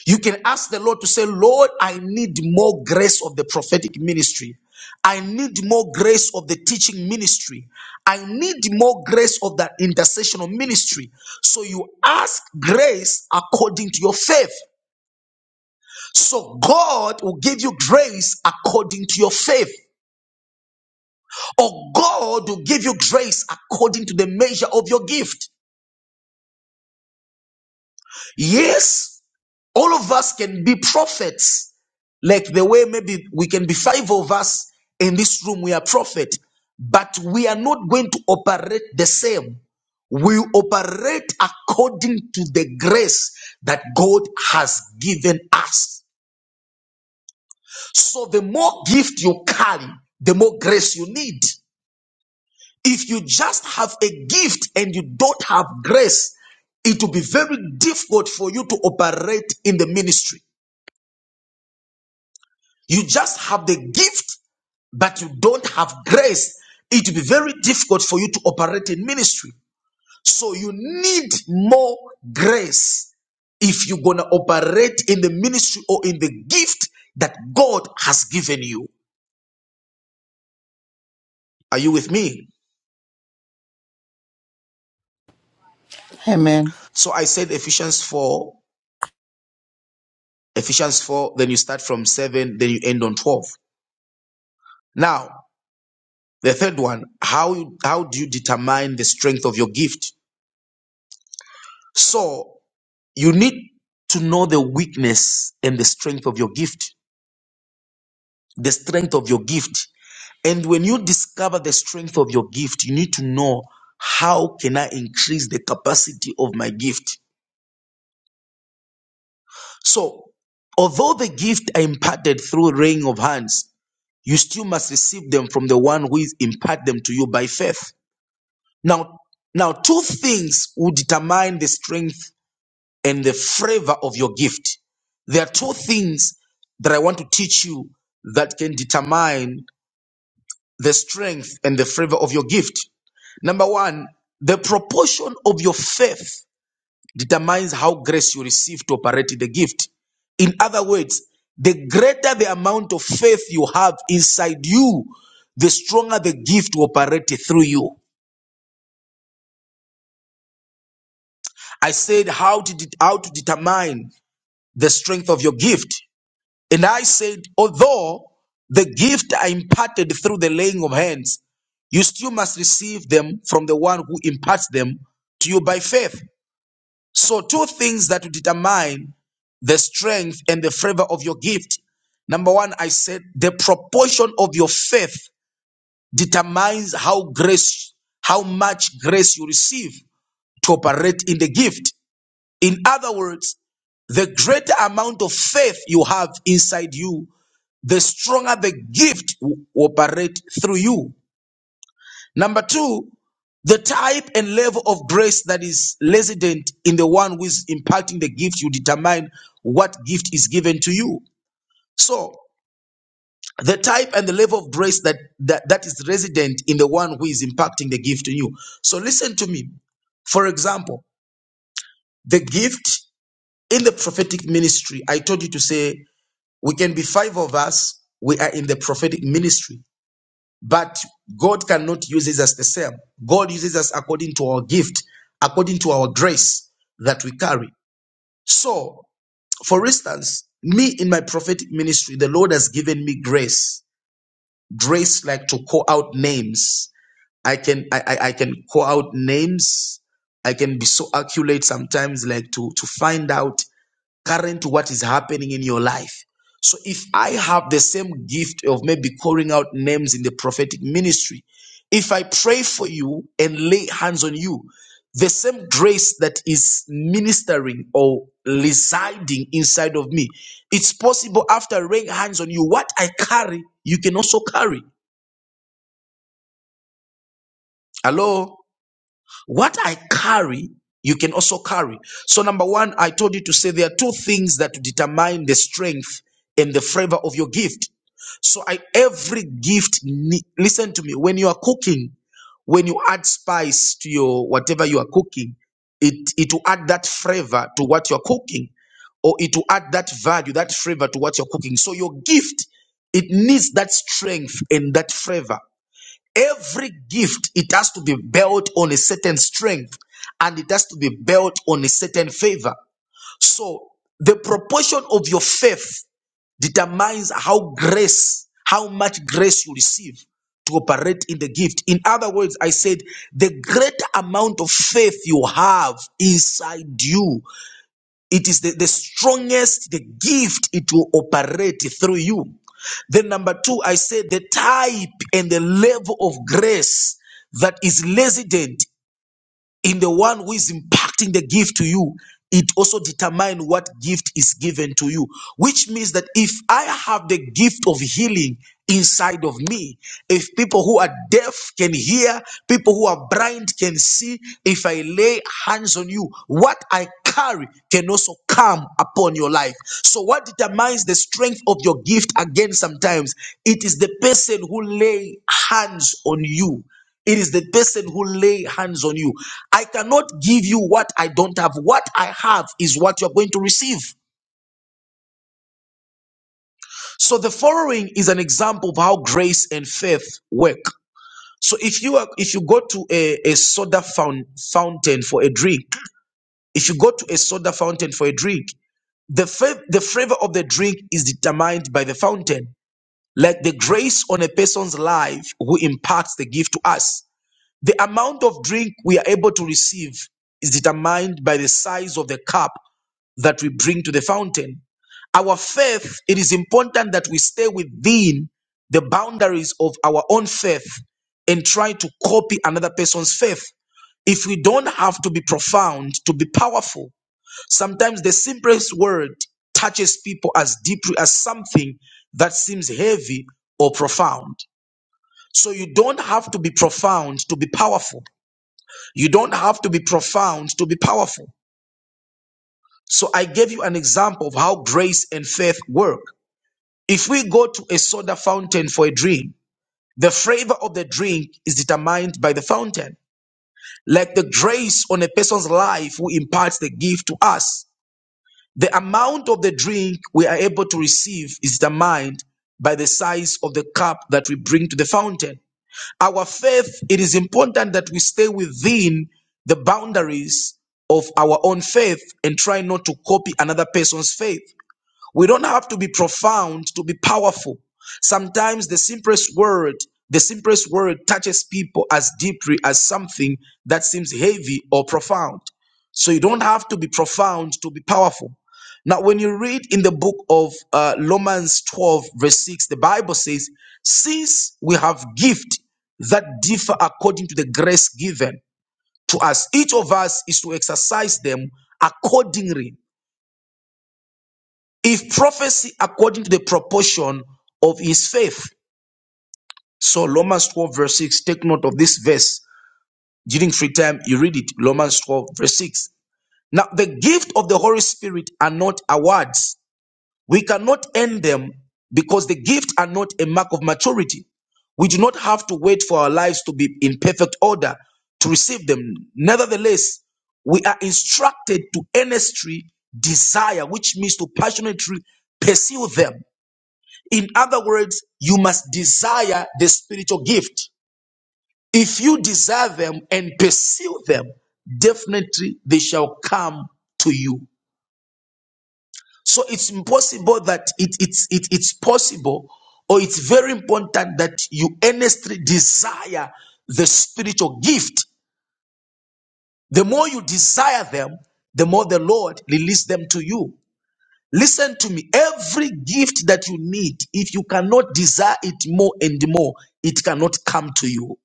[SPEAKER 1] You can ask the Lord to say, Lord, I need more grace of the prophetic ministry. I need more grace of the teaching ministry. I need more grace of that intercessional ministry. So you ask grace according to your faith. So God will give you grace according to your faith. Or God will give you grace according to the measure of your gift. Yes, all of us can be prophets. Like the way maybe we can be five of us in this room, we are prophet, but we are not going to operate the same. We operate according to the grace that God has given us. So the more gift you carry, the more grace you need. If you just have a gift and you don't have grace, it will be very difficult for you to operate in the ministry. You just have the gift, but you don't have grace. It will be very difficult for you to operate in ministry. So you need more grace if you're going to operate in the ministry or in the gift that God has given you. Are you with me?
[SPEAKER 3] Amen.
[SPEAKER 1] So I said Ephesians 4, Ephesians 4, then you start from 7, then you end on 12. Now, the third one, how how do you determine the strength of your gift? So, you need to know the weakness and the strength of your gift, the strength of your gift. And when you discover the strength of your gift, you need to know how can I increase the capacity of my gift? So, although the gift are imparted through laying of hands, you still must receive them from the one who is impart them to you by faith. Now, now two things will determine the strength and the flavor of your gift. There are two things that I want to teach you that can determine the strength and the flavor of your gift. Number one, the proportion of your faith determines how grace you receive to operate in the gift. In other words, the greater the amount of faith you have inside you, the stronger the gift will operate through you. I said how to, det- how to determine the strength of your gift. And I said, although the gift are imparted through the laying of hands, you still must receive them from the one who imparts them to you by faith. So, two things that will determine the strength and the favor of your gift. Number one, I said the proportion of your faith determines how grace, how much grace you receive to operate in the gift. In other words, the greater amount of faith you have inside you, the stronger the gift will operate through you. Number two, the type and level of grace that is resident in the one who is imparting the gift, you determine what gift is given to you. So, the type and the level of grace that, that, that is resident in the one who is impacting the gift in you. So, listen to me. For example, the gift in the prophetic ministry, I told you to say We can be five of us. We are in the prophetic ministry, but God cannot use us as the same. God uses us according to our gift, according to our grace that we carry. So, for instance, me in my prophetic ministry, the Lord has given me grace, grace like to call out names. I can I, I, I can call out names. I can be so accurate sometimes, like to to find out current to what is happening in your life. So if I have the same gift of maybe calling out names in the prophetic ministry, if I pray for you and lay hands on you, the same grace that is ministering or residing inside of me, it's possible after laying hands on you, what I carry, you can also carry. Hello? What I carry, you can also carry. So, number one, I told you to say there are two things that determine the strength and the flavor of your gift. So, I every gift. ne- Listen to me. When you are cooking, when you add spice to your whatever you are cooking, it it will add that flavor to what you are cooking, or it will add that value, that flavor to what you're cooking. So, your gift it needs that strength and that flavor. Every gift, it has to be built on a certain strength and it has to be built on a certain favor. So the proportion of your faith determines how grace, how much grace you receive to operate in the gift. In other words, I said the greater amount of faith you have inside you it is the, the strongest, the gift it will operate through you. Then, number two, I said the type and the level of grace that is resident in the one who is impacting the gift to you it also determines what gift is given to you which means that if i have the gift of healing inside of me if people who are deaf can hear people who are blind can see if i lay hands on you what i carry can also come upon your life so what determines the strength of your gift again sometimes it is the person who lay hands on you it is the person who lay hands on you. I cannot give you what I don't have. What I have is what you're going to receive. So the following is an example of how grace and faith work. So if you are, if you go to a, a soda foun- fountain for a drink, if you go to a soda fountain for a drink, the fa- the flavor of the drink is determined by the fountain. Like the grace on a person's life who imparts the gift to us. The amount of drink we are able to receive is determined by the size of the cup that we bring to the fountain. Our faith, it is important that we stay within the boundaries of our own faith and try to copy another person's faith. If we don't have to be profound to be powerful, sometimes the simplest word touches people as deeply as something that seems heavy or profound. So you don't have to be profound to be powerful. You don't have to be profound to be powerful. So I gave you an example of how grace and faith work. If we go to a soda fountain for a drink, the flavor of the drink is determined by the fountain. Like the grace on a person's life who imparts the gift to us, the amount of the drink we are able to receive is determined by the size of the cup that we bring to the fountain. Our faith, it is important that we stay within the boundaries of our own faith and try not to copy another person's faith. We don't have to be profound to be powerful. Sometimes the simplest word, the simplest word touches people as deeply as something that seems heavy or profound. So you don't have to be profound to be powerful. Now, when you read in the book of uh, Romans 12, verse 6, the Bible says, Since we have gift that differ according to the grace given to us, each of us is to exercise them accordingly if prophecy according to the proportion of his faith. So Romans 12, verse 6, take note of this verse. During free time, you read it. Romans 12, verse 6. Now, the gift of the Holy Spirit are not awards. We cannot earn them because the gift are not a mark of maturity. We do not have to wait for our lives to be in perfect order to receive them. Nevertheless, we are instructed to earnestly desire, which means to passionately pursue them. In other words, you must desire the spiritual gift. If you desire them and pursue them, definitely they shall come to you. So it's impossible that it, it's, it, it's possible or it's very important that you earnestly desire the spiritual gift. The more you desire them, the more the Lord release them to you. Listen to me. Every gift that you need, if you cannot desire it more and more, it cannot come to you.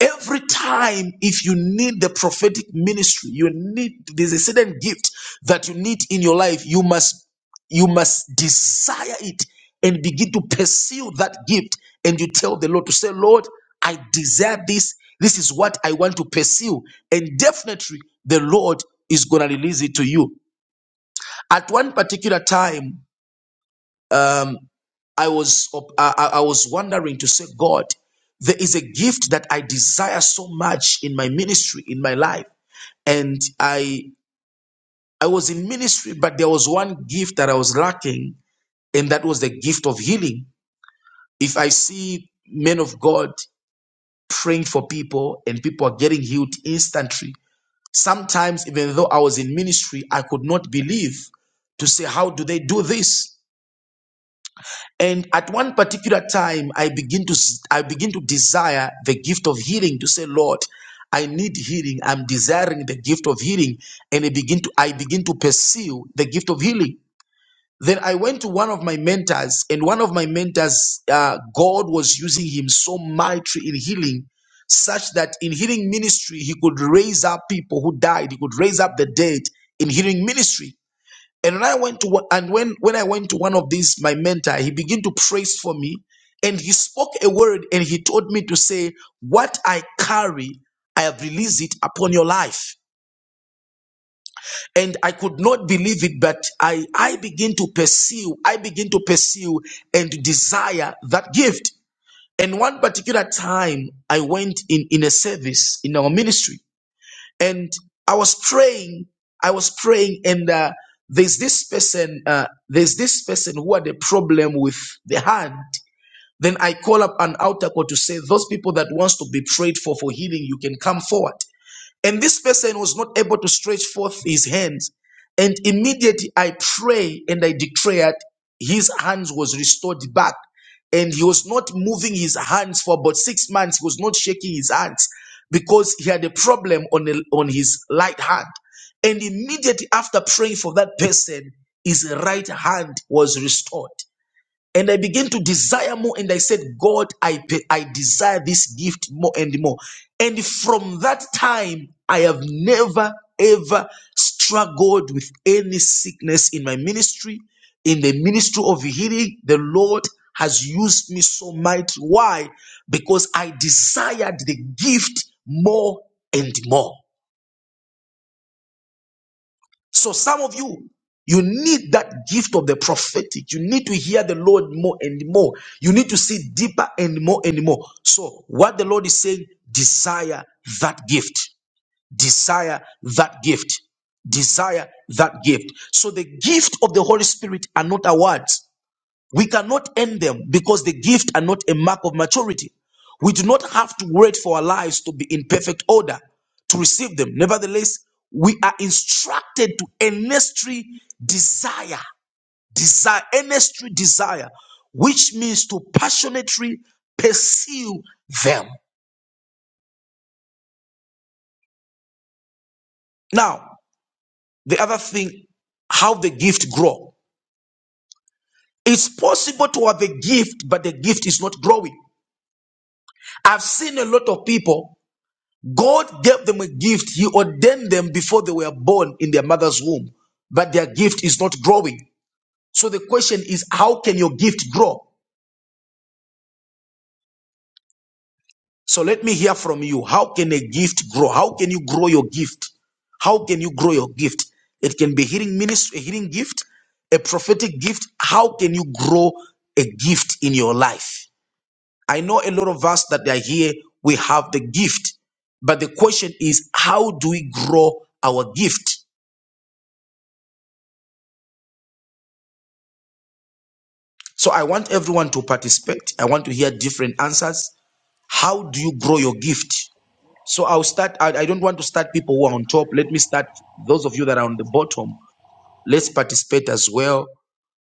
[SPEAKER 1] Every time, if you need the prophetic ministry, you need there's a certain gift that you need in your life. You must you must desire it and begin to pursue that gift. And you tell the Lord to say, Lord, I desire this. This is what I want to pursue. And definitely the Lord is gonna release it to you. At one particular time, Um. I was up, I, I I was wondering to say, God, there is a gift that I desire so much in my ministry, in my life, and I I was in ministry, but there was one gift that I was lacking, and that was the gift of healing. If I see men of God praying for people and people are getting healed instantly, sometimes even though I was in ministry, I could not believe to say, how do they do this? And at one particular time, I begin to I begin to desire the gift of healing to say, Lord, I need healing. I'm desiring the gift of healing, and I begin to I begin to pursue the gift of healing. Then I went to one of my mentors, and one of my mentors, uh, God was using him so mighty in healing, such that in healing ministry he could raise up people who died. He could raise up the dead in healing ministry. And when I went to one- and when when I went to one of these, my mentor, he began to praise for me, and he spoke a word, and he told me to say, "What I carry, I have released it upon your life." And I could not believe it, but I I begin to pursue, I begin to pursue and desire that gift. And one particular time, I went in in a service in our ministry, and I was praying. I was praying, and uh, there's this person. Uh, there's this person who had a problem with the hand. Then I call up an altar call to say, those people that wants to be prayed for for healing, you can come forward. And this person was not able to stretch forth his hands. And immediately I pray and I declared his hands was restored back. And he was not moving his hands for about six months. He was not shaking his hands because he had a problem on, the, on his right hand. And immediately after praying for that person, his right hand was restored. And I began to desire more. And I said, God, I, I desire this gift more and more. And from that time, I have never, ever struggled with any sickness in my ministry, in the ministry of healing. The Lord has used me so mighty. Why? Because I desired the gift more and more. So some of you, you need that gift of the prophetic. You need to hear the Lord more and more. You need to see deeper and more and more. So what the Lord is saying, desire that gift. Desire that gift. Desire that gift. So the gift of the Holy Spirit are not awards. We cannot end them because the gift are not a mark of maturity. We do not have to wait for our lives to be in perfect order to receive them. Nevertheless, we are instructed to earnestly desire, desire, earnestly desire, which means to passionately pursue them. Now, the other thing, how the gift grow. It's possible to have a gift, but the gift is not growing. I've seen a lot of people God gave them a gift. He ordained them before they were born in their mother's womb, but their gift is not growing. So the question is, how can your gift grow? So let me hear from you. How can a gift grow? How can you grow your gift? How can you grow your gift? It can be healing ministry, a healing gift, a prophetic gift. How can you grow a gift in your life? I know a lot of us that are here, we have the gift, but the question is, how do we grow our gift? So I want everyone to participate. I want to hear different answers. How do you grow your gift? So I'll start. I, I don't want to start people who are on top. Let me start those of you that are on the bottom. Let's participate as well.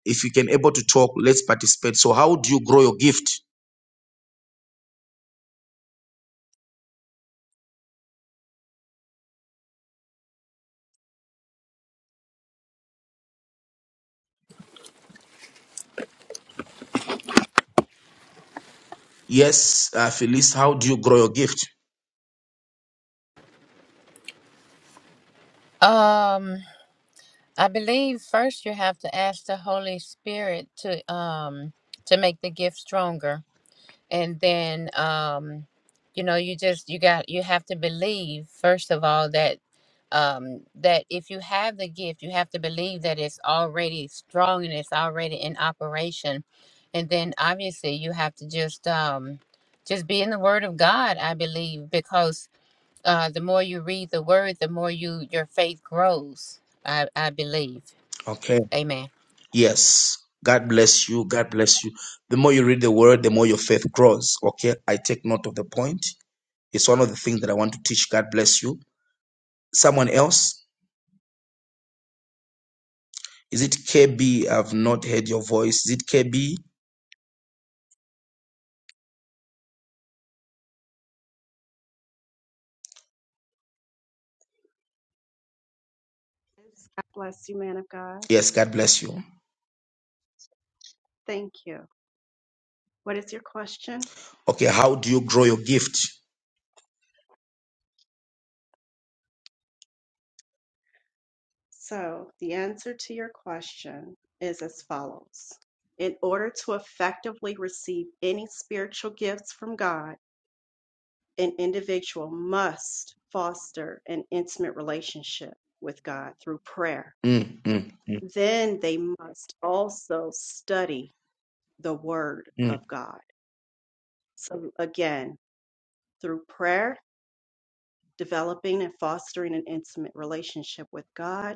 [SPEAKER 1] If you can able to talk, let's participate. So how do you grow your gift? Yes, uh, Felice, how do you grow your gift?
[SPEAKER 4] Um, I believe first you have to ask the Holy Spirit to um to make the gift stronger, and then um, you know, you just you got you have to believe first of all that um that if you have the gift, you have to believe that it's already strong and it's already in operation, and then obviously you have to just um just be in the Word of God. I believe because uh, the more you read the word, the more you your faith grows. I, I believe.
[SPEAKER 1] Okay.
[SPEAKER 4] Amen.
[SPEAKER 1] Yes. God bless you. God bless you. The more you read the word, the more your faith grows. Okay. I take note of the point. It's one of the things that I want to teach. God bless you. Someone else? Is it KB? I've not heard your voice. Is it KB?
[SPEAKER 5] God bless you, man of God.
[SPEAKER 1] Yes, God bless you.
[SPEAKER 5] Thank you. What is your question?
[SPEAKER 1] Okay, how do you grow your gift?
[SPEAKER 5] So, the answer to your question is as follows In order to effectively receive any spiritual gifts from God, an individual must foster an intimate relationship with God through prayer.
[SPEAKER 1] Mm, mm,
[SPEAKER 5] Then they must also study the Word of
[SPEAKER 1] mm,
[SPEAKER 5] God. So, again, through prayer, developing and fostering an intimate relationship with God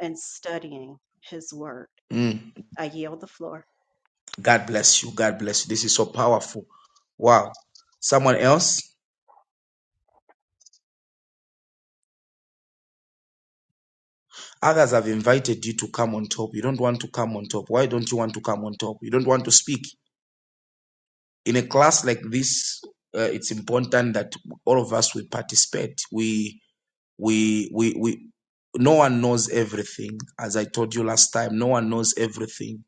[SPEAKER 5] and studying His Word.
[SPEAKER 1] mm.
[SPEAKER 5] I yield the floor.
[SPEAKER 1] God bless you. God bless you. This is so powerful. Wow. Someone else? Others have invited you to come on top. You don't want to come on top. Why don't you want to come on top? You don't want to speak. In a class like this, uh, it's important that all of us we participate. We we we we no one knows everything as i told you last time no one knows everything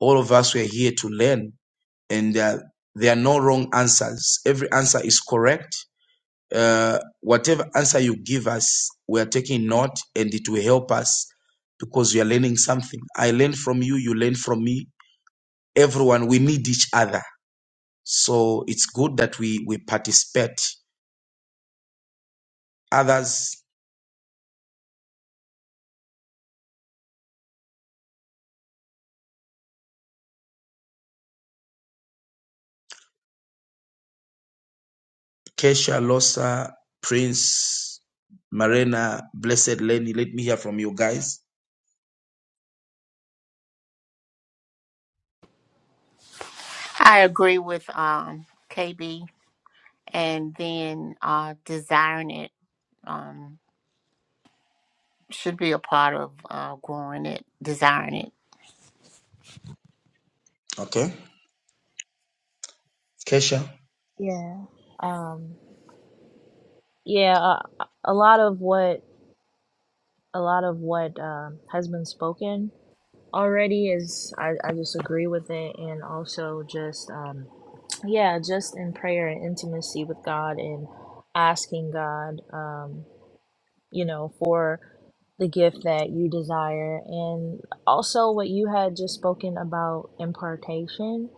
[SPEAKER 1] all of us were here to learn and uh, there are no wrong answers every answer is correct uh, whatever answer you give us we are taking note and it will help us because we are learning something i learn from you you learn from me everyone we need each other so it's good that we we participate others Kesha, Losa, Prince, Marina, Blessed Lenny. Let me hear from you guys.
[SPEAKER 3] I agree with um, KB, and then uh, desiring it um, should be a part of uh, growing it, desiring it.
[SPEAKER 1] Okay. Kesha.
[SPEAKER 2] Yeah. Um. Yeah. A, a lot of what a lot of what um, has been spoken. already is I, I just agree with it and also just um yeah just in prayer and intimacy with god and asking god um you know, for the gift that you desire. And also, what you had just spoken about impartation.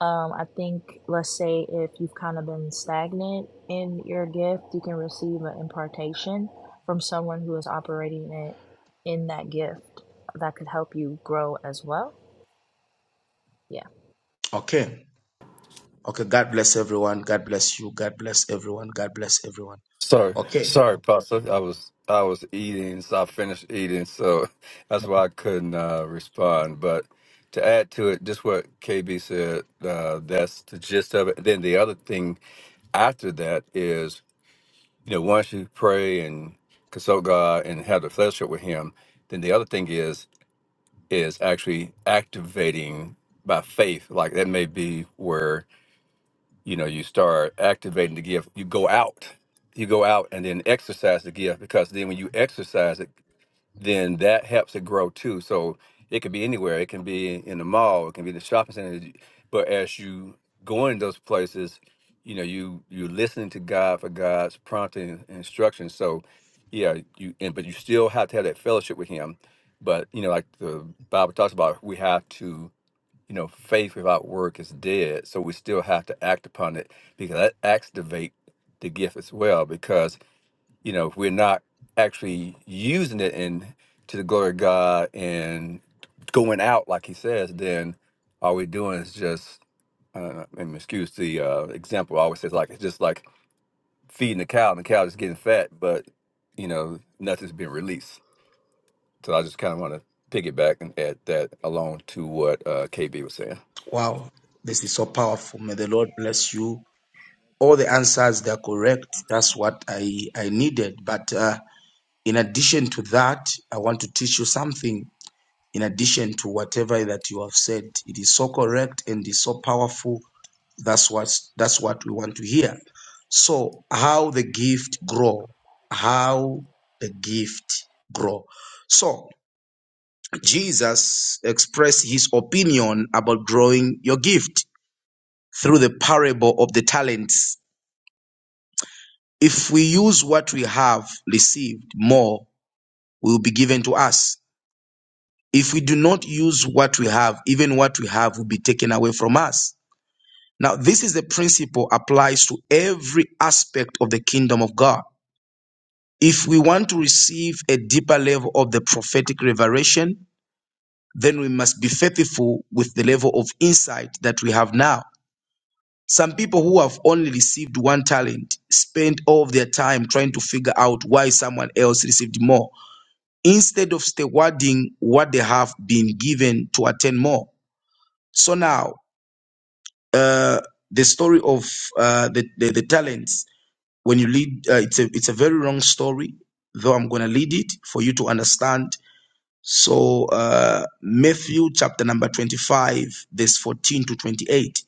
[SPEAKER 2] Um, I think, let's say, if you've kind of been stagnant in your gift, you can receive an impartation from someone who is operating it in that gift that could help you grow as well. Yeah.
[SPEAKER 1] Okay. Okay. God bless everyone. God bless you. God bless everyone. God bless everyone.
[SPEAKER 6] Sorry,
[SPEAKER 1] Okay.
[SPEAKER 6] sorry, Pastor. I was I was eating, so I finished eating, so that's why I couldn't uh, respond. But to add to it, just what KB said, uh, that's the gist of it. Then the other thing after that is, you know, once you pray and consult God and have the fellowship with Him, then the other thing is is actually activating by faith. Like that may be where you know you start activating the gift you go out you go out and then exercise the gift because then when you exercise it then that helps it grow too so it could be anywhere it can be in the mall it can be in the shopping center but as you go in those places you know you you're listening to god for god's prompting and instructions so yeah you and but you still have to have that fellowship with him but you know like the bible talks about we have to you know, faith without work is dead. So we still have to act upon it because that activate the gift as well. Because you know, if we're not actually using it in to the glory of God and going out like He says, then all we're doing is just, uh, and excuse the uh, example. I always say like it's just like feeding the cow, and the cow is getting fat, but you know, nothing's being released. So I just kind of want to piggyback and add that along to what uh, KB was saying.
[SPEAKER 1] Wow. This is so powerful. May the Lord bless you. All the answers they are correct. That's what I I needed. But uh, in addition to that, I want to teach you something. In addition to whatever that you have said, it is so correct and is so powerful That's what that's what we want to hear. So how the gift grow? How the gift grow? So Jesus expressed his opinion about growing your gift through the parable of the talents. If we use what we have received, more will be given to us. If we do not use what we have, even what we have will be taken away from us. Now, this is the principle applies to every aspect of the kingdom of God. If we want to receive a deeper level of the prophetic revelation, then we must be faithful with the level of insight that we have now. Some people who have only received one talent spend all of their time trying to figure out why someone else received more instead of stewarding what they have been given to attain more. So now, uh, the story of uh, the, the, the talents, when you lead, uh, it's, a, it's a very long story, though I'm going to lead it for you to understand So uh, Matthew chapter number 25, verse 14 to 28.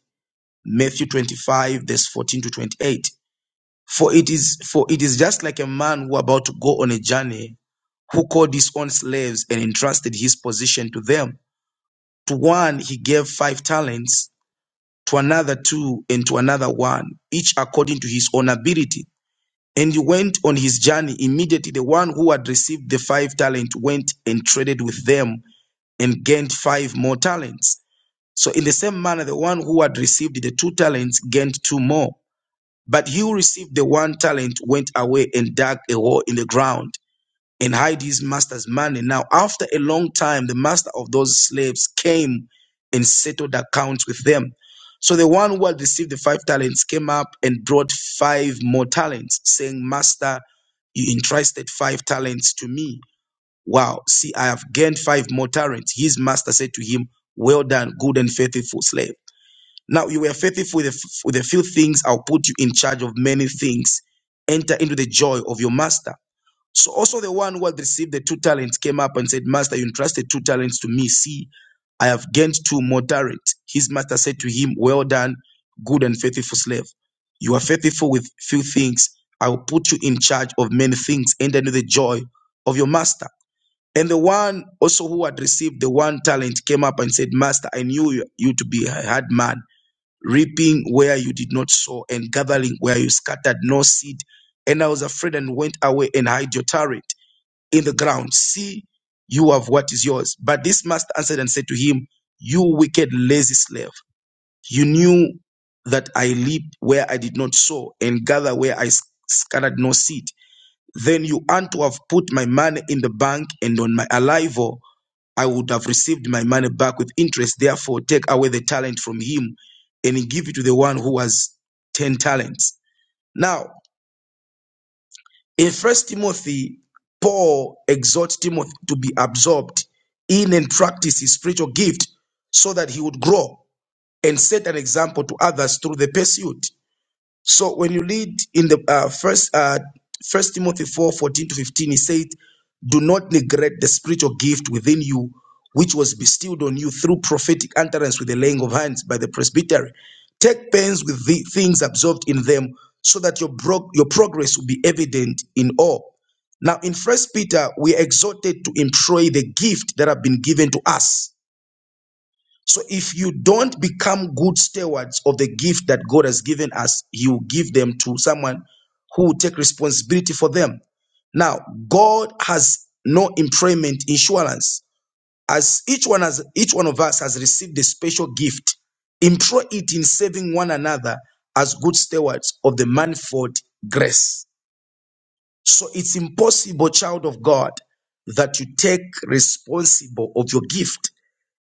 [SPEAKER 1] Matthew 25, verse 14 to 28. For it is for it is just like a man who about to go on a journey, who called his own slaves and entrusted his position to them. To one he gave five talents, to another two, and to another one, each according to his own ability. And he went on his journey. Immediately the one who had received the five talents went and traded with them and gained five more talents. So, in the same manner, the one who had received the two talents gained two more. But he who received the one talent went away and dug a hole in the ground and hid his master's money. Now, after a long time, the master of those slaves came and settled accounts with them. So the one who had received the five talents came up and brought five more talents, saying, Master, you entrusted five talents to me. Wow, see, I have gained five more talents. His master said to him, Well done, good and faithful slave. Now you were faithful with a, f- with a few things, I'll put you in charge of many things. Enter into the joy of your master. So also the one who had received the two talents came up and said, Master, you entrusted two talents to me. See, I have gained two more talents. His master said to him, Well done, good and faithful slave. You are faithful with few things. I will put you in charge of many things. Enter into the joy of your master. And the one also who had received the one talent came up and said, Master, I knew you you to be a hard man, reaping where you did not sow and gathering where you scattered no seed. And I was afraid and went away and hid your talent in the ground. See, you have what is yours. But this master answered and said to him, You wicked, lazy slave, you knew that I reap where I did not sow and gather where I s- scattered no seed then you ought to have put my money in the bank, and on my arrival, I would have received my money back with interest. Therefore, take away the talent from him and give it to the one who has 10 talents. Now, in First Timothy, Paul exhorts Timothy to be absorbed in and practice his spiritual gift so that he would grow and set an example to others through the pursuit. So when you read in the uh, first uh, First Timothy four fourteen to fifteen, he said, "Do not neglect the spiritual gift within you, which was bestowed on you through prophetic utterance with the laying of hands by the presbytery. Take pains with the things absorbed in them, so that your bro- your progress will be evident in all." Now in First Peter, we are exhorted to employ the gift that have been given to us so if you don't become good stewards of the gift that God has given us, He will give them to someone who will take responsibility for them. Now, God has no impairment insurance. As each one has each one of us has received a special gift, employ it in saving one another as good stewards of the manifold grace. So it's impossible, child of God, that you take responsible of your gift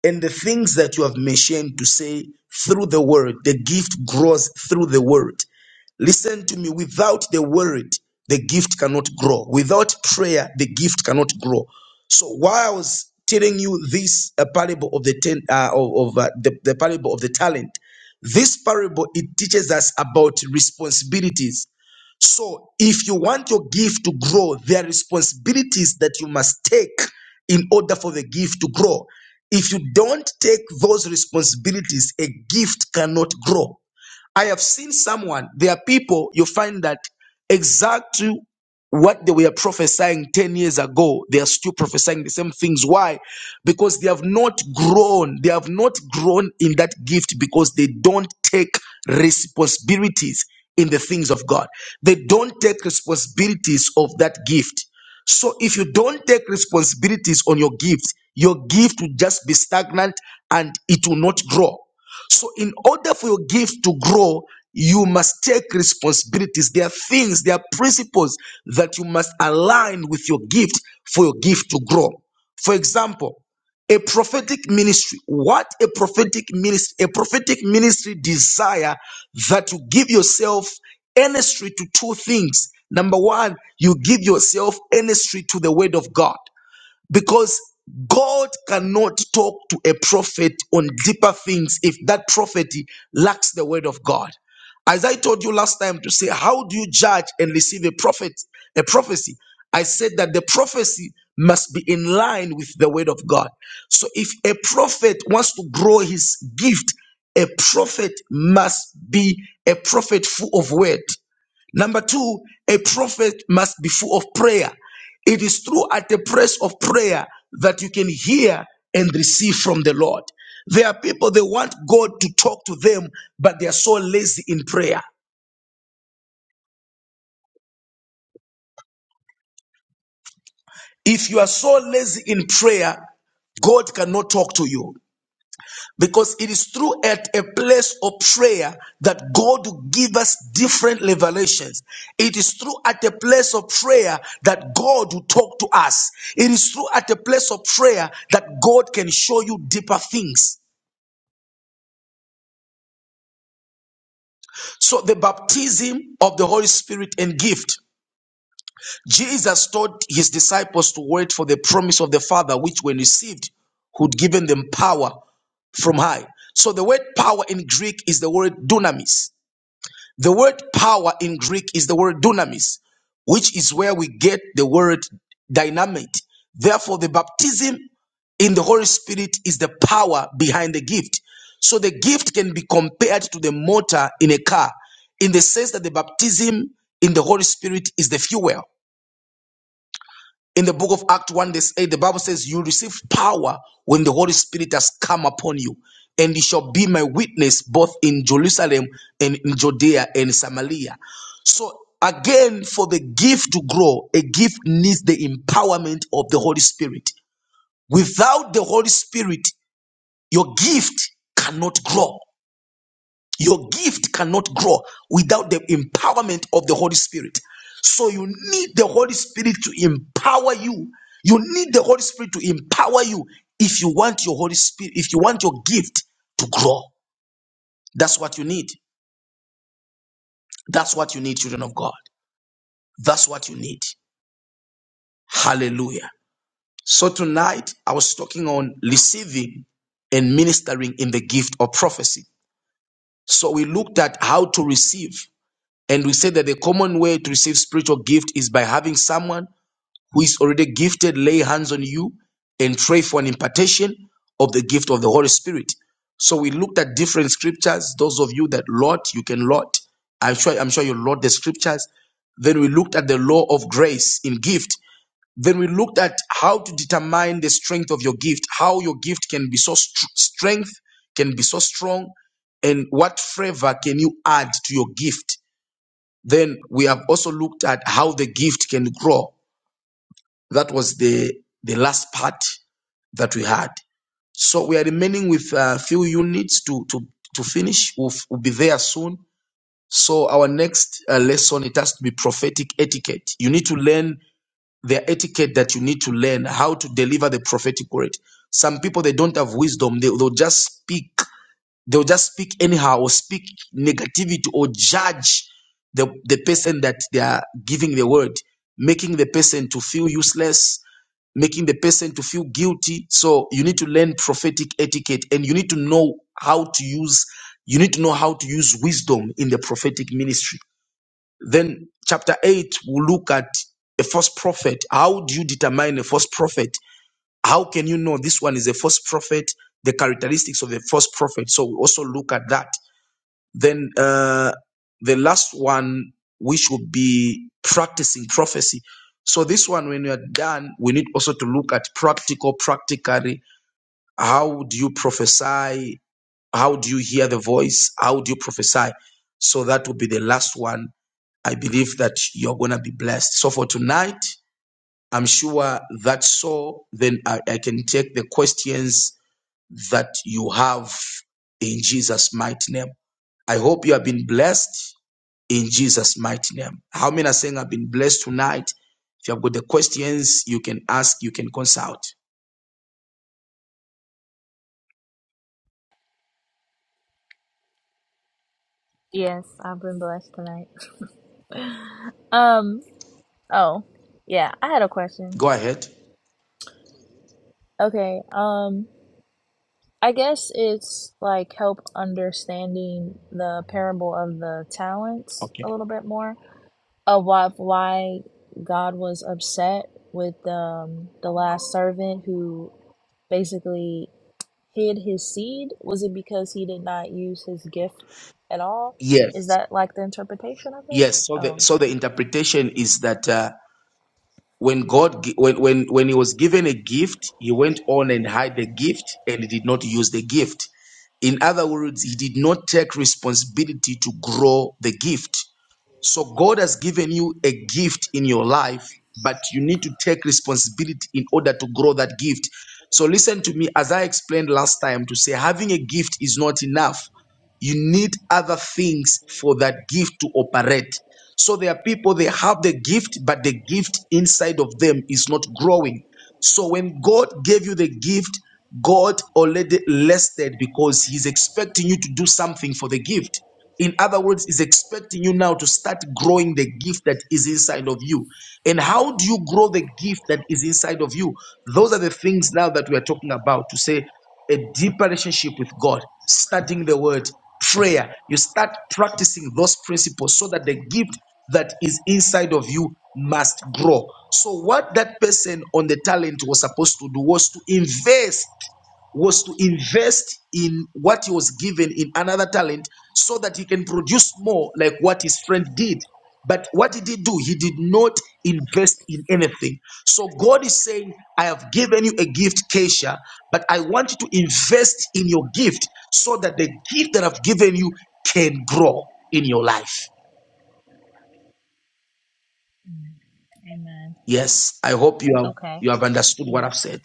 [SPEAKER 1] and the things that you have mentioned to say through the word, the gift grows through the word. Listen to me, without the word, the gift cannot grow. Without prayer, the gift cannot grow. So while I was telling you this uh, parable of the ten, uh, of, of, uh, the, the parable of the talent, this parable it teaches us about responsibilities so, if you want your gift to grow, there are responsibilities that you must take in order for the gift to grow. If you don't take those responsibilities, a gift cannot grow. I have seen someone, there are people you find that exactly what they were prophesying 10 years ago, they are still prophesying the same things. Why? Because they have not grown. They have not grown in that gift because they don't take responsibilities in the things of God. They don't take responsibilities of that gift. So if you don't take responsibilities on your gift, your gift will just be stagnant and it will not grow. So, in order for your gift to grow, you must take responsibilities. There are things, there are principles that you must align with your gift for your gift to grow. For example, a prophetic ministry. What a prophetic ministry, a prophetic ministry desire that you give yourself energy to two things. Number one, you give yourself energy to the word of God. Because God cannot talk to a prophet on deeper things if that prophet lacks the word of God. As I told you last time to say, how do you judge and receive a prophet, a prophecy? I said that the prophecy must be in line with the word of God. So if a prophet wants to grow his gift, a prophet must be a prophet full of word. Number two, a prophet must be full of prayer. It is through at the press of prayer that you can hear and receive from the Lord. There are people they want God to talk to them, but they are so lazy in prayer. If you are so lazy in prayer, God cannot talk to you. Because it is through at a place of prayer that God will give us different revelations. It is through at a place of prayer that God will talk to us. It is through at a place of prayer that God can show you deeper things. So the baptism of the Holy Spirit and gift. Jesus taught his disciples to wait for the promise of the Father, which when received, would given them power from high. So the word power in Greek is the word dunamis. The word power in Greek is the word dunamis, which is where we get the word dynamite. Therefore, the baptism in the Holy Spirit is the power behind the gift. So the gift can be compared to the motor in a car in the sense that the baptism in the Holy Spirit is the fuel. In the book of Acts, 1, verse 8, the Bible says, You receive power when the Holy Spirit has come upon you, and you shall be my witness both in Jerusalem and in Judea and Samaria. So, again, for the gift to grow, a gift needs the empowerment of the Holy Spirit. Without the Holy Spirit, your gift cannot grow. Your gift cannot grow without the empowerment of the Holy Spirit. So you need the Holy Spirit to empower you. You need the Holy Spirit to empower you if you want your Holy Spirit, if you want your gift to grow. That's what you need. That's what you need, children of God. That's what you need. Hallelujah. So tonight I was talking on receiving and ministering in the gift of prophecy. So we looked at how to receive And we said that the common way to receive spiritual gift is by having someone who is already gifted lay hands on you and pray for an impartation of the gift of the Holy Spirit. So we looked at different scriptures. Those of you that Lord, you can Lord. I'm sure, I'm sure you Lord the scriptures. Then we looked at the law of grace in gift. Then we looked at how to determine the strength of your gift, how your gift can be so str- strength, can be so strong, and what flavor can you add to your gift then we have also looked at how the gift can grow. That was the, the last part that we had. So we are remaining with a few units to, to, to finish. We'll, we'll be there soon. So our next uh, lesson, it has to be prophetic etiquette. You need to learn the etiquette that you need to learn, how to deliver the prophetic word. Some people, they don't have wisdom. They, they'll just speak They'll just speak anyhow or speak negativity or judge the, the person that they are giving the word, making the person to feel useless, making the person to feel guilty. So you need to learn prophetic etiquette and you need to know how to use you need to know how to use wisdom in the prophetic ministry. Then chapter 8 will look at a false prophet. How do you determine a false prophet? How can you know this one is a false prophet? The characteristics of a false prophet. So we also look at that. Then uh, the last one, we should be practicing prophecy. So this one, when we are done, we need also to look at practical, practically. How do you prophesy? How do you hear the voice? How do you prophesy? So that will be the last one. I believe that you're gonna be blessed. So for tonight, I'm sure that's so. Then I, I can take the questions that you have in Jesus' mighty name. I hope you have been blessed in Jesus' mighty name. How many are saying I've been blessed tonight? If you have got the questions, you can ask, you can consult.
[SPEAKER 2] Yes, I've been blessed tonight. Um, oh, yeah, I had a question.
[SPEAKER 1] Go ahead.
[SPEAKER 2] Okay, um, I guess it's like help understanding the parable of the talents
[SPEAKER 1] Okay.
[SPEAKER 2] a little bit more of why, why God was upset with um, the last servant who basically hid his seed. Was it because he did not use his gift at all? Is
[SPEAKER 1] Yes.
[SPEAKER 2] that like the interpretation of it?
[SPEAKER 1] Yes. So the
[SPEAKER 2] Oh,
[SPEAKER 1] so the interpretation is that uh, when God gi- when when when he was given a gift, he went on and hid the gift and he did not use the gift. In other words, he did not take responsibility to grow the gift. So God has given you a gift in your life, but you need to take responsibility in order to grow that gift. So listen to me as I explained last time to say having a gift is not enough. You need other things for that gift to operate. So there are people, they have the gift, but the gift inside of them is not growing. So when God gave you the gift, God already listed because He's expecting you to do something for the gift. In other words, He's expecting you now to start growing the gift that is inside of you. And how do you grow the gift that is inside of you? Those are the things now that we are talking about to say, a deeper relationship with God, studying the word, prayer. You start practicing those principles so that the gift that is inside of you must grow. So, what that person on the talent was supposed to do was to invest was to invest in what he was given in another talent so that he can produce more like what his friend did. But what did he do? He did not invest in anything. So God is saying, I have given you a gift, Keisha, but I want you to invest in your gift so that the gift that I've given you can grow in your life.
[SPEAKER 2] mm, amen.
[SPEAKER 1] Yes, I hope you have
[SPEAKER 2] Okay.
[SPEAKER 1] you have understood what I've
[SPEAKER 2] Yes.
[SPEAKER 1] said.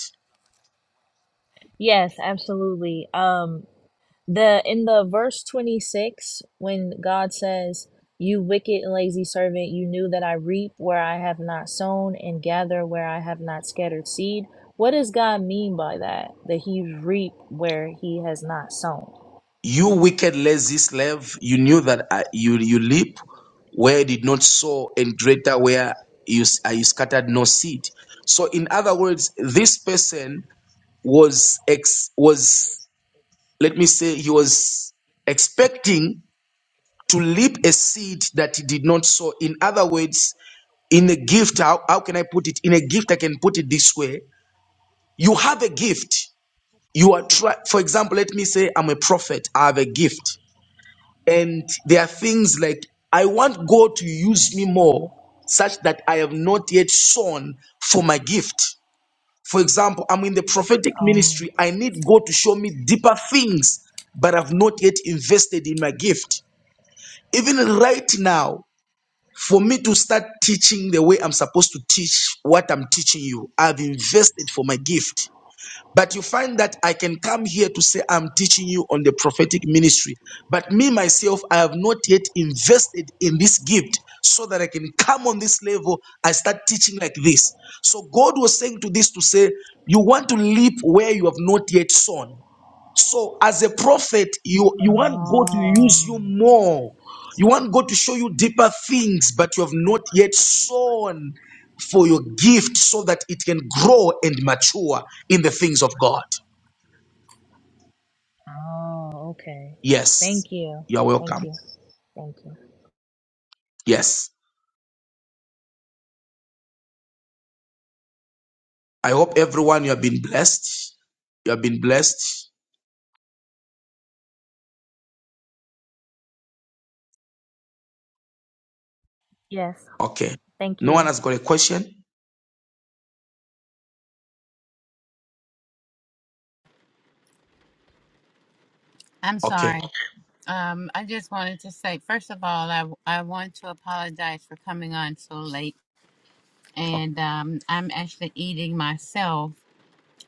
[SPEAKER 2] Yes, absolutely. Um, the in the verse 26 when god says you wicked and lazy servant you knew that i reap where i have not sown and gather where i have not scattered seed what does god mean by that that he reap where he has not sown
[SPEAKER 1] You wicked, lazy slave, you knew that uh, you you leap where you did not sow, and greater where you, s- uh, you scattered no seed. So, in other words, this person was ex was let me say he was expecting to leap a seed that he did not sow in other words in a gift how, how can i put it in a gift i can put it this way you have a gift you are try for example let me say i'm a prophet i have a gift and there are things like i want god to use me more such that i have not yet sown for my gift For example, I'm in the prophetic
[SPEAKER 2] oh
[SPEAKER 1] ministry. I need God to show me deeper things, but I've not yet invested in my gift. Even right now, for me to start teaching the way I'm supposed to teach what I'm teaching you, I've invested for my gift. But you find that I can come here to say I'm teaching you on the prophetic ministry. But me, myself, I have not yet invested in this gift so that I can come on this level. I start teaching like this. So God was saying to this to say, You want to leap where you have not yet sown. So as a prophet, you, you want God to
[SPEAKER 2] oh
[SPEAKER 1] use you more. You want God to show you deeper things, but you have not yet sown for your gift so that it can grow and mature in the things of God.
[SPEAKER 2] oh okay thank
[SPEAKER 1] Yes.
[SPEAKER 2] you
[SPEAKER 1] You are
[SPEAKER 2] thank
[SPEAKER 1] welcome.
[SPEAKER 2] you thank you
[SPEAKER 1] Yes. I hope everyone you have been blessed. You have been blessed.
[SPEAKER 2] yes
[SPEAKER 1] Okay.
[SPEAKER 2] thank
[SPEAKER 1] No one
[SPEAKER 2] you
[SPEAKER 1] has got a question?
[SPEAKER 4] I'm
[SPEAKER 1] Okay.
[SPEAKER 4] sorry. Um, I just wanted to say, first of all, I, I want to apologize for coming on so late. And um, I'm actually eating myself.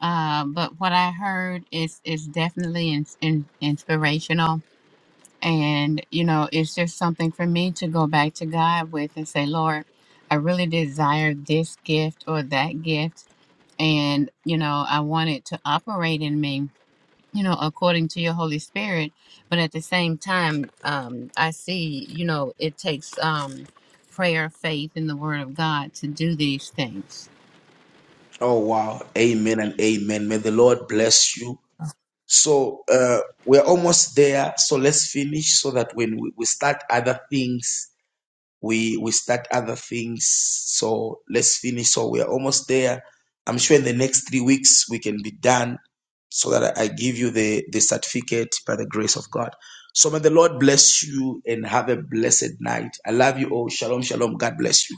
[SPEAKER 4] Uh, but what I heard is, is definitely in, in, inspirational. And, you know, it's just something for me to go back to God with and say, Lord, I really desire this gift or that gift. And, you know, I want it to operate in me, you know, according to your Holy Spirit. But at the same time, um, I see, you know, it takes um, prayer, faith, and the Word of God to do these things.
[SPEAKER 1] Oh wow. Amen and amen. May the Lord bless you. So uh, we're almost there. So let's finish so that when we, we start other things, we we start other things. So let's finish. So we're almost there. I'm sure in the next three weeks we can be done so that I I give you the, the certificate by the grace of God. So may the Lord bless you and have a blessed night. I love you all. Shalom, shalom. God bless you.